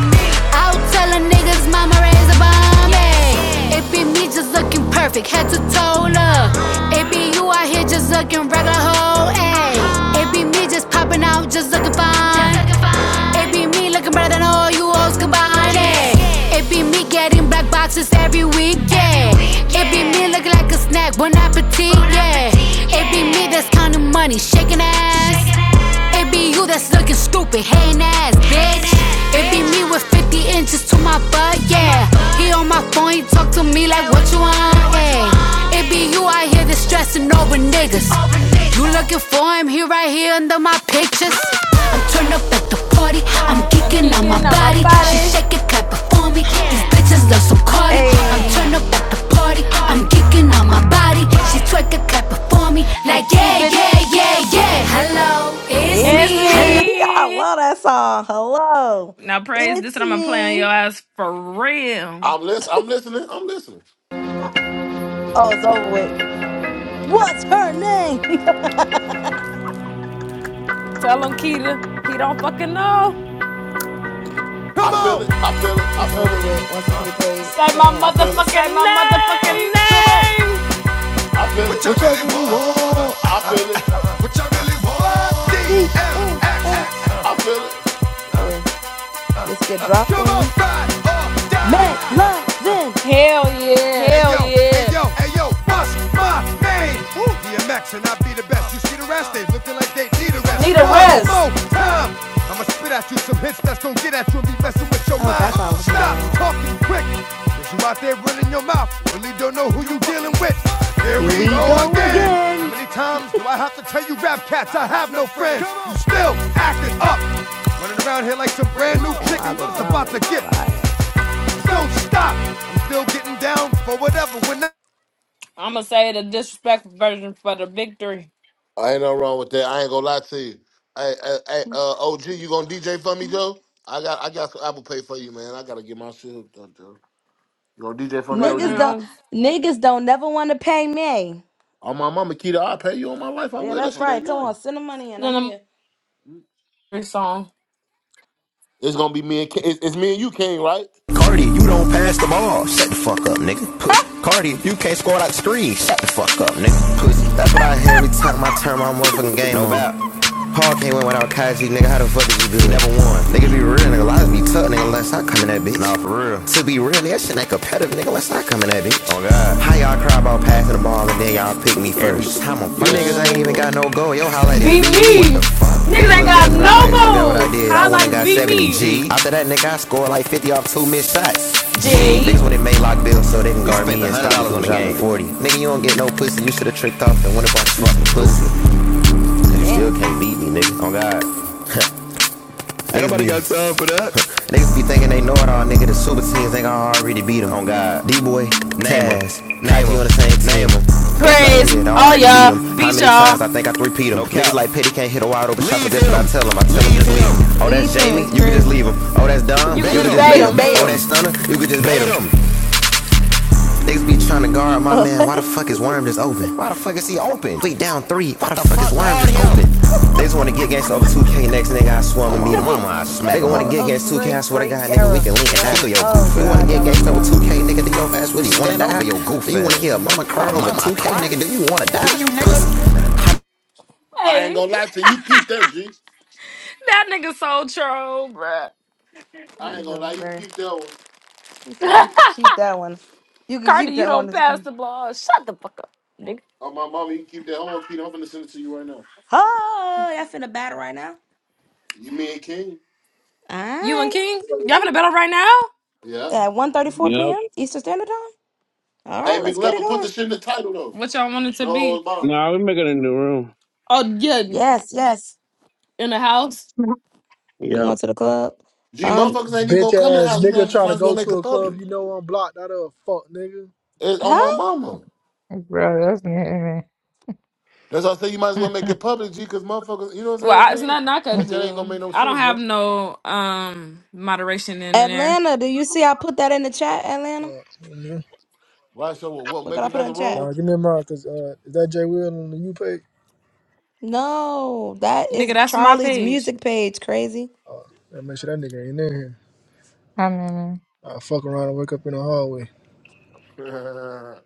S12: I'll tell a niggas mama raise a bomb. ayy. It be me just looking perfect, head to toe. Look. It be you out here just looking regular hoe. Ayy. It be me just popping out, just looking fine. It be be me looking better than all you hoes combined. Yeah. It be me getting black boxes every week, yeah. It be me looking like a snack, bon appetit, yeah. It be me that's counting money, shaking ass. It be you that's looking stupid, hating ass, bitch. It be me with 50 inches to my butt, yeah. He on my phone, he talk to me like what you want, yeah.
S8: 50
S12: It be you,
S8: inches is
S12: I
S8: kind
S12: hear
S8: of
S12: the
S8: crazy,
S12: stressing
S8: and I'm
S12: over
S8: only
S12: niggas.
S8: 60 inches
S12: You
S8: tall.
S12: looking for him, he right here under my pictures. I'm turned up at the party, I'm
S3: I'm
S12: geeking on my
S3: kicking on my
S12: body. She
S3: body.
S12: shake it, clap it for me. These bitches love some Cardi. I'm turned up at
S8: Hey,
S12: the party, I'm geeking on my body. She twerk it, clap it for me. Like,
S3: These
S12: yeah,
S3: bitches.
S12: yeah, yeah, yeah. Hello, it's
S8: it's
S3: It's
S12: me. Hello.
S8: me. I
S3: me.
S8: love that song. Hello.
S3: Now praise this,
S8: It's
S3: and I'm gonna play on your
S8: me.
S3: ass for real.
S1: I'm listening. I'm listening. I'm listening.
S8: Oh, it's over with. What's her name?
S4: Tell him, Keita, he don't fucking know.
S1: I feel it. I feel it. I
S8: it's
S1: feel
S8: over
S1: it.
S8: with once this get played.
S3: Say my
S1: I
S8: Damn.
S1: feel it.
S4: Say
S3: motherfucking
S4: my motherfucking
S3: name.
S4: name.
S1: I feel
S4: What you
S1: it.
S4: all
S8: What y'all
S4: really
S8: really
S4: want?
S8: want?
S1: I feel it.
S4: What you all really want? D,
S8: DMX.
S1: I feel it.
S8: Yeah. This get dropped
S4: come
S8: on
S4: on,
S8: you.
S4: ride, ride.
S8: McLovin.
S3: Hell yeah.
S4: Hell hey, yo, yeah. Hey yo, hey yo, bust my name.
S8: Woo.
S4: DMX and I be the best. You see the rest, they looking like they need a rest.
S3: Need
S4: Need
S3: a
S4: a rest.
S3: rest.
S4: One More time. I'ma spit at you some hits that's going get at you and be messing with your
S8: Oh,
S4: mind.
S8: that's why I wasn't that
S4: Stop
S8: loud.
S4: talking quick. Cause you out there running your mouth. Really don't know who you dealing with. Here
S8: Here
S4: we
S8: we
S4: go
S8: go
S4: again. How
S8: again.
S4: many times do I have to tell you rap cats? I have no friends. You still acting up. Running around here like some brand
S8: This
S4: new
S8: am I
S4: chicken.
S8: the
S4: It's
S8: drama
S4: about to
S8: is
S4: get.
S8: fire.
S4: Don't stop. I'm still getting down for whatever. When I
S3: I'm gonna say the disrespectful version for the victory
S1: I ain't no wrong with that. I ain't gonna lie to you. Hey, hey, hey uh, OG, you gonna DJ for me, Joe? I got, I got some Apple Pay for you, man. I gotta get my shit hooked up, Joe. You gonna DJ for me,
S3: right
S8: Niggas
S1: OG?
S8: don't
S3: now.
S8: niggas don't never want to pay me.
S1: On my mama, Keita, I'll pay you on my life. I
S8: Yeah,
S1: will. That
S8: that's
S1: shit
S8: right.
S1: ain't
S8: Come
S1: nothing.
S8: on, send the money in. I'm
S3: Then
S8: here.
S3: the song.
S1: It's gonna be me and King. It's, it's me and you, King, right?
S4: Cardi, you don't pass the ball. Shut the fuck up, nigga. Puss. Cardi, if you can't score like screen. Shut the fuck up, nigga. Puss. That's what I hear every time I turn my motherfucking game No on. Paul can't win without Kaji, nigga. How the fuck did you do? it? Never won. Nigga be real, nigga. Lies be tough, nigga. Unless I come in that bitch. Nah, for real. To be real, nigga, that shit ain't competitive, nigga. Unless I come in that bitch. Oh, God. How Y'all cry about passing the ball and then y'all pick me first. How You niggas ain't
S1: Man,
S4: even got
S1: look.
S4: no goal. Yo, holla at Be it.
S3: Beat
S4: What the
S3: me.
S4: fuck? Niggas
S3: Niggas
S4: ain't
S3: ain't
S4: got at
S3: got
S4: it, no i like, look at goal.
S3: no
S4: what I
S3: goals.
S4: did. I Holla went at
S3: Highlight
S4: and
S3: is
S4: got Be
S3: beat
S4: 70 me.
S3: me.
S4: G. After that, nigga, I scored like 50 off two missed shots. G.
S3: G.
S4: Niggas when they made lock bills so they can guard spent me from dropping forty. Nigga, you don't get no pussy. You should have tricked off and $100 fucking pussy? You still
S8: Damn.
S4: can't beat me, Nigga, Oh God. Ain't nobody got time for that. Niggas be thinking they know it all, nigga. The super teams think I already beat them. On God. D-Boy, Nas, Name you on the same team. Praise
S3: Praise
S4: all
S3: all
S4: y'all.
S3: y'all.
S4: Beat
S3: Beat
S4: y'all.
S3: y'all.
S4: I think I three-peat him. No Niggas like Petty can't hit a wide open shot, but that's what I him. tell him. I tell him just leave him. Oh, that's
S8: Leave him
S4: Jamie?
S8: is
S4: You can just leave
S8: crazy.
S4: him. Oh, that's Dom, You
S3: You
S4: can
S3: can
S4: just
S3: just
S4: just bait
S8: You
S3: bait
S8: can
S4: him.
S8: just bait
S3: them.
S4: Oh, that's
S8: him.
S4: Stunner? You can just bait him. Niggas be trying to guard my
S8: this
S4: man. Why the fuck is Worm just open? Why the fuck is he open? We down three. Why the, the fuck, fuck is Worm just open? They just want to get against over 2K. Next nigga, I swung and meet him. Mama, I smack. Nigga want to
S8: was
S4: get
S8: a
S4: against 2K. I
S8: great,
S4: swear to
S8: great
S4: God, nigga, we can
S8: era.
S4: link and die.
S8: Yo.
S4: Kill your goof.
S8: Oh
S4: You want to
S8: God,
S4: get
S8: y'all are
S4: against over 2K,
S8: funny.
S4: nigga? Do your ass really want to die? Your goofy. You want to hear mama cry over 2K, nigga? Do you want to die? You niggas?
S1: I ain't
S3: Hey,
S1: gonna lie to you. You keep that, G.
S3: that nigga so troll, bruh.
S1: I ain't
S8: He's a
S1: gonna lie. You
S8: very
S1: keep that one.
S8: he said you can keep that one. You can
S3: Cardi,
S8: keep
S3: you
S8: that one.
S3: don't
S8: It's
S3: pass
S8: been."
S3: the ball. Shut the fuck up, nigga.
S1: On my mama, you keep that. Hold on, Keita. I'm finna send it to you right now.
S8: Oh, y'all finna battle right now.
S1: You, me and King.
S8: All
S3: You and
S8: right.
S3: King, y'all finna battle right now?
S1: Yeah.
S8: At one thirty-four
S9: Yep.
S8: p.m. Eastern Standard Time. All right,
S1: Hey,
S8: let's get it
S1: McLevin, put
S8: going.
S1: the shit in the title, though.
S3: What y'all want it to
S1: No
S3: be?
S1: holds barred.
S9: Nah, we making a new room.
S3: Oh, yeah,
S8: Yes, yes.
S3: in the house.
S8: We
S9: Yep.
S8: going to the club.
S1: G,
S8: Um,
S1: motherfuckers ain't even
S14: Bitch
S1: gonna come in the
S14: ass
S1: house. You know,
S14: nigga trying
S1: might
S14: to
S1: as well
S14: go
S1: make
S14: to
S1: it
S14: a club
S1: public.
S14: you know I'm blocked out of fuck nigga.
S1: It's on my
S8: huh?
S1: mama.
S10: Bro, that's me.
S1: That's why I say you might as well make
S10: Hi,
S1: it public, G, because motherfuckers, you know what
S3: Well,
S1: I'm saying,
S3: I, it's
S1: King?
S3: nothing I could
S1: Like, that ain't gonna
S3: do.
S1: make no
S3: I don't
S1: sense,
S3: have
S1: bro.
S3: no um moderation in there,
S8: Atlanta, do you see I put that in the chat, Atlanta?
S14: Fuck, nigga.
S1: Why show what? What,
S8: Look
S1: make
S8: what I put in
S1: another
S8: the chat.
S1: room?
S14: Nah, give me a mind, cause uh, is that Jay Will on the U page?
S8: No, that
S3: nigga.
S8: is
S3: That's my
S8: Charlie's
S3: page.
S8: music page, crazy.
S14: Oh, gotta make sure that nigga ain't in here.
S10: man.
S14: I fuck around and wake up in the hallway.
S1: Uh,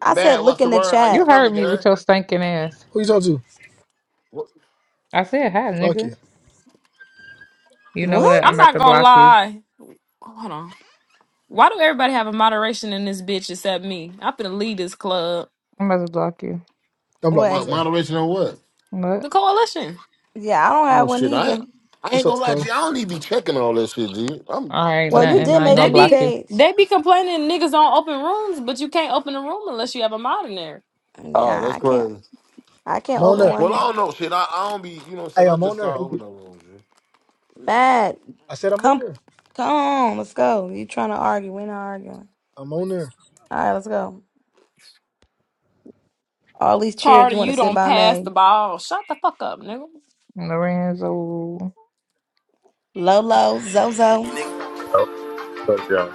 S8: I said
S1: Matt,
S8: look
S1: what's
S8: in
S1: the
S8: the
S1: word? How you
S10: You
S8: chat.
S10: heard
S1: coming,
S10: me
S1: Gary?
S10: with your stinking ass.
S14: Who you talking to?
S1: What,
S10: I said hi,
S14: Fuck
S10: nigga.
S14: you.
S10: You know
S8: What?
S10: what? I'm
S3: I'm
S10: about
S3: not
S10: to
S3: gonna
S10: block you.
S3: lie. Hold on. Why do everybody have a moderation in this bitch except me? I'm finna lead this club,
S10: I'm about to block you.
S14: Don't block me. I'm
S1: what
S8: Well,
S14: sorry.
S1: moderation on what?
S10: What?
S3: the coalition.
S8: yeah, I don't have
S1: Oh
S8: one
S1: shit, I
S8: either.
S1: I
S14: What's
S1: ain't
S14: up,
S1: gonna lie G.
S14: Dakota?
S1: I don't even be checking all that shit, G. I'm
S10: All right,
S8: Well,
S1: telling
S8: you
S10: nothing.
S8: did
S1: nigga.
S10: I ain't
S8: make a
S3: They
S10: gonna
S8: new
S10: block
S3: be
S10: you.
S8: page.
S3: they be complaining niggas don't open rooms, but you can't open a room unless you have a mod in there.
S1: Oh,
S8: Yeah,
S1: that's
S8: I can't
S1: crazy.
S8: I
S14: I'm
S8: can't
S14: on
S8: open
S14: there.
S1: Well,
S8: one.
S1: I don't know, shit. I, I don't be, you know what I'm
S14: Hey,
S1: saying? I
S14: I'm on
S1: just start
S14: there.
S1: opening up rooms, G.
S8: Matt,
S14: I said I'm on
S8: come,
S14: there.
S8: come on, let's go. You trying to argue? We're not arguing.
S14: I'm on there.
S8: All right, let's go. All these chairs
S3: Carter,
S8: you want to
S3: you
S8: sit
S3: don't
S8: by
S3: pass
S8: me?
S3: the ball. Shut the fuck up, nigga.
S10: Lorenzo.
S8: Lolo, Zozo,
S15: Yo, what's up, y'all?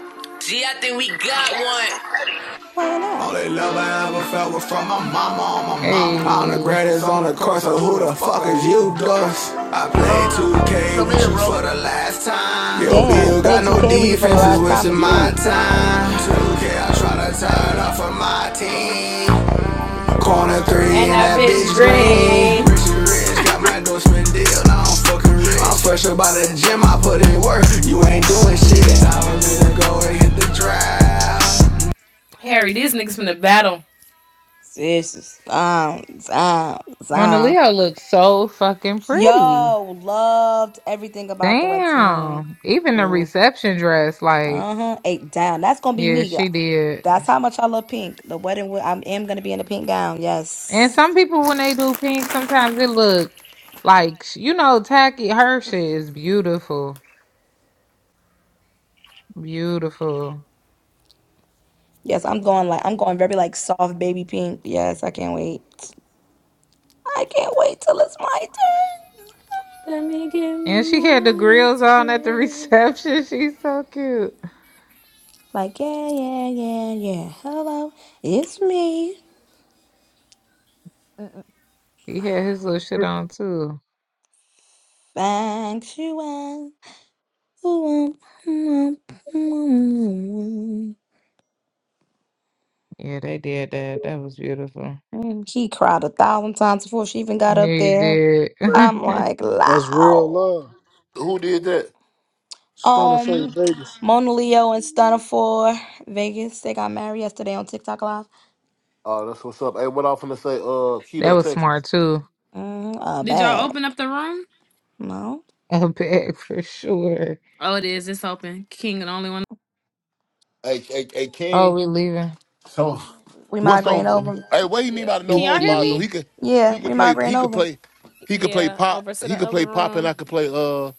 S4: Gee, I think we got one.
S8: playing that.
S4: Only love I ever felt was from my mama on my mama. I'm the
S10: Hey.
S4: greatest on the course, so who the fuck is you, Gus? I played
S1: Yo, you
S4: 2K
S1: come
S4: with
S1: in,
S4: you
S1: bro.
S4: for the last time. Yo,
S8: Damn,
S4: Bill
S8: played
S4: got no
S8: 2K with you for the
S4: defenses,
S8: last time.
S4: wasting
S8: It's
S4: my
S8: crazy.
S4: time. 2K, I try to tie it off of my team.
S1: Yeah.
S4: Corner three
S3: And
S4: and
S3: that
S4: that bitch
S3: bitch
S4: green.
S3: green.
S4: Richie Rich got my endorsement deal, now I'm fucking rich. I'm fresh about the gym, I put in work. You ain't doing
S8: Damn,
S4: shit. I
S8: damn.
S4: was gonna go and hit the draft. Harry,
S3: Harry, these
S4: these niggas
S3: niggas
S4: from the
S3: finna battle.
S4: battle.
S8: Sis, um, um,
S10: Mona
S8: um.
S10: Leo looks so fucking pretty.
S8: Yo, loved everything about the wet team.
S10: Damn. Even the
S8: Ooh,
S10: reception dress, like,
S8: uh-huh. Eight down. That's gonna be
S10: yeah,
S8: me.
S10: she did.
S8: That's how much I love pink. The wedding, wi- I am gonna be in a pink gown.
S10: And
S8: Yes.
S10: some people, when they do pink, sometimes it look like, you know, tacky. Her shit is beautiful. Beautiful.
S8: Yes, I'm going like I'm going very like soft baby pink. Yes, I can't wait. I can't wait till it's my turn.
S3: Let me give
S10: And she had the
S3: my
S10: grills
S3: best.
S10: on at the reception. She's so cute.
S8: Like yeah, yeah, yeah, yeah. Hello, it's me,
S10: He had his little shit on too.
S8: Fang Shuan.
S10: Yeah, they did that. That was beautiful.
S8: He cried a thousand times before she even got
S10: Yeah,
S8: up
S10: you
S8: there.
S10: did.
S8: I'm like
S14: That's real
S8: loud.
S14: love.
S1: Who did that?
S14: Stunning for
S8: Um,
S14: Vegas,
S8: Mona Leo and Stunner for Vegas. They got married yesterday on TikTok Live.
S1: Oh, that's what's up. Hey, what I'm finna say, uh,
S10: That
S1: Keita,
S10: was
S1: Texas.
S10: smart too.
S8: Mm, a
S3: Did y'all
S8: bag.
S3: open up the room?
S8: No.
S10: A bag for sure.
S3: Oh, it is. It's open. King, the only one.
S1: Hey, hey, hey,
S10: Oh,
S1: King.
S10: we leaving.
S1: So
S8: We
S1: what's
S8: migraine
S1: over?
S8: over.
S1: Hey, what he mean
S4: Yeah.
S1: by the no
S4: Can y'all
S1: holds
S4: hear
S1: bar? So
S4: me?
S10: Okay.
S1: he could
S8: Yeah,
S1: he could
S8: we
S1: play he
S8: migraine
S1: could
S8: over.
S1: play he could play
S4: Yeah.
S1: pop
S4: Over to
S1: he
S4: the
S1: could
S4: other
S1: play pop and I
S4: room.
S1: could play uh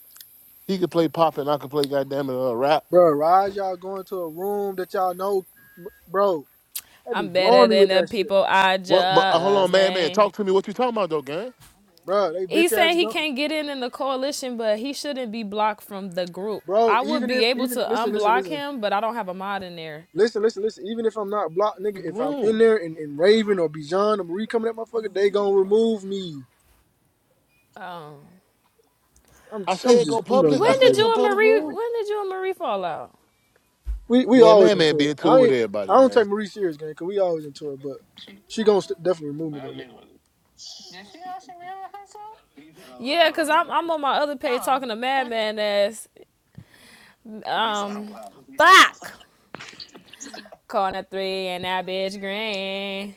S1: he could play pop and I could play goddamn it uh, rap.
S14: bro. Raj y'all going to a room that y'all know, bro? They be
S4: I'm better
S14: blowing me
S4: than
S14: with
S4: the
S14: that shit,
S4: people I
S1: What? But uh, hold on,
S4: just
S1: man, man,
S4: named.
S1: talk to me. What you talking about though, gang?
S14: bro. They bitch
S4: He's
S14: ass
S4: saying he
S14: going.
S4: can't get in in the coalition, but he shouldn't be blocked from the group.
S14: bro.
S4: I would
S14: Even
S4: be
S14: if,
S4: able to
S14: even listen, listen,
S4: unblock
S14: listen,
S4: him, but I don't have a mod in there.
S14: listen, listen, listen. Even if I'm not blocked, nigga,
S1: Public
S14: if I'm in
S1: Room.
S14: there and, and Raven or Bijan or Marie coming at my fucker, they gonna remove me.
S4: Um,
S14: I'm,
S1: I
S14: I'm
S1: said
S14: just,
S1: go
S14: I'm done
S1: public.
S14: with
S4: when
S1: I
S14: this
S1: said
S4: did
S1: it's
S14: nigga.
S1: a
S4: you and
S1: public
S4: Marie?
S1: room.
S4: When did you and Marie fall out?
S14: We, we
S1: Man,
S14: always
S1: man, man,
S14: into it.
S1: being
S14: I
S1: too with
S14: ain't, I
S1: everybody,
S14: don't
S1: man.
S14: take Marie serious, gang, cause we always into it. But she gonna st- definitely remove me though.
S4: Yeah, cause I'm I'm on my other page talking to Madman as um, fuck. Calling a three and that bitch green.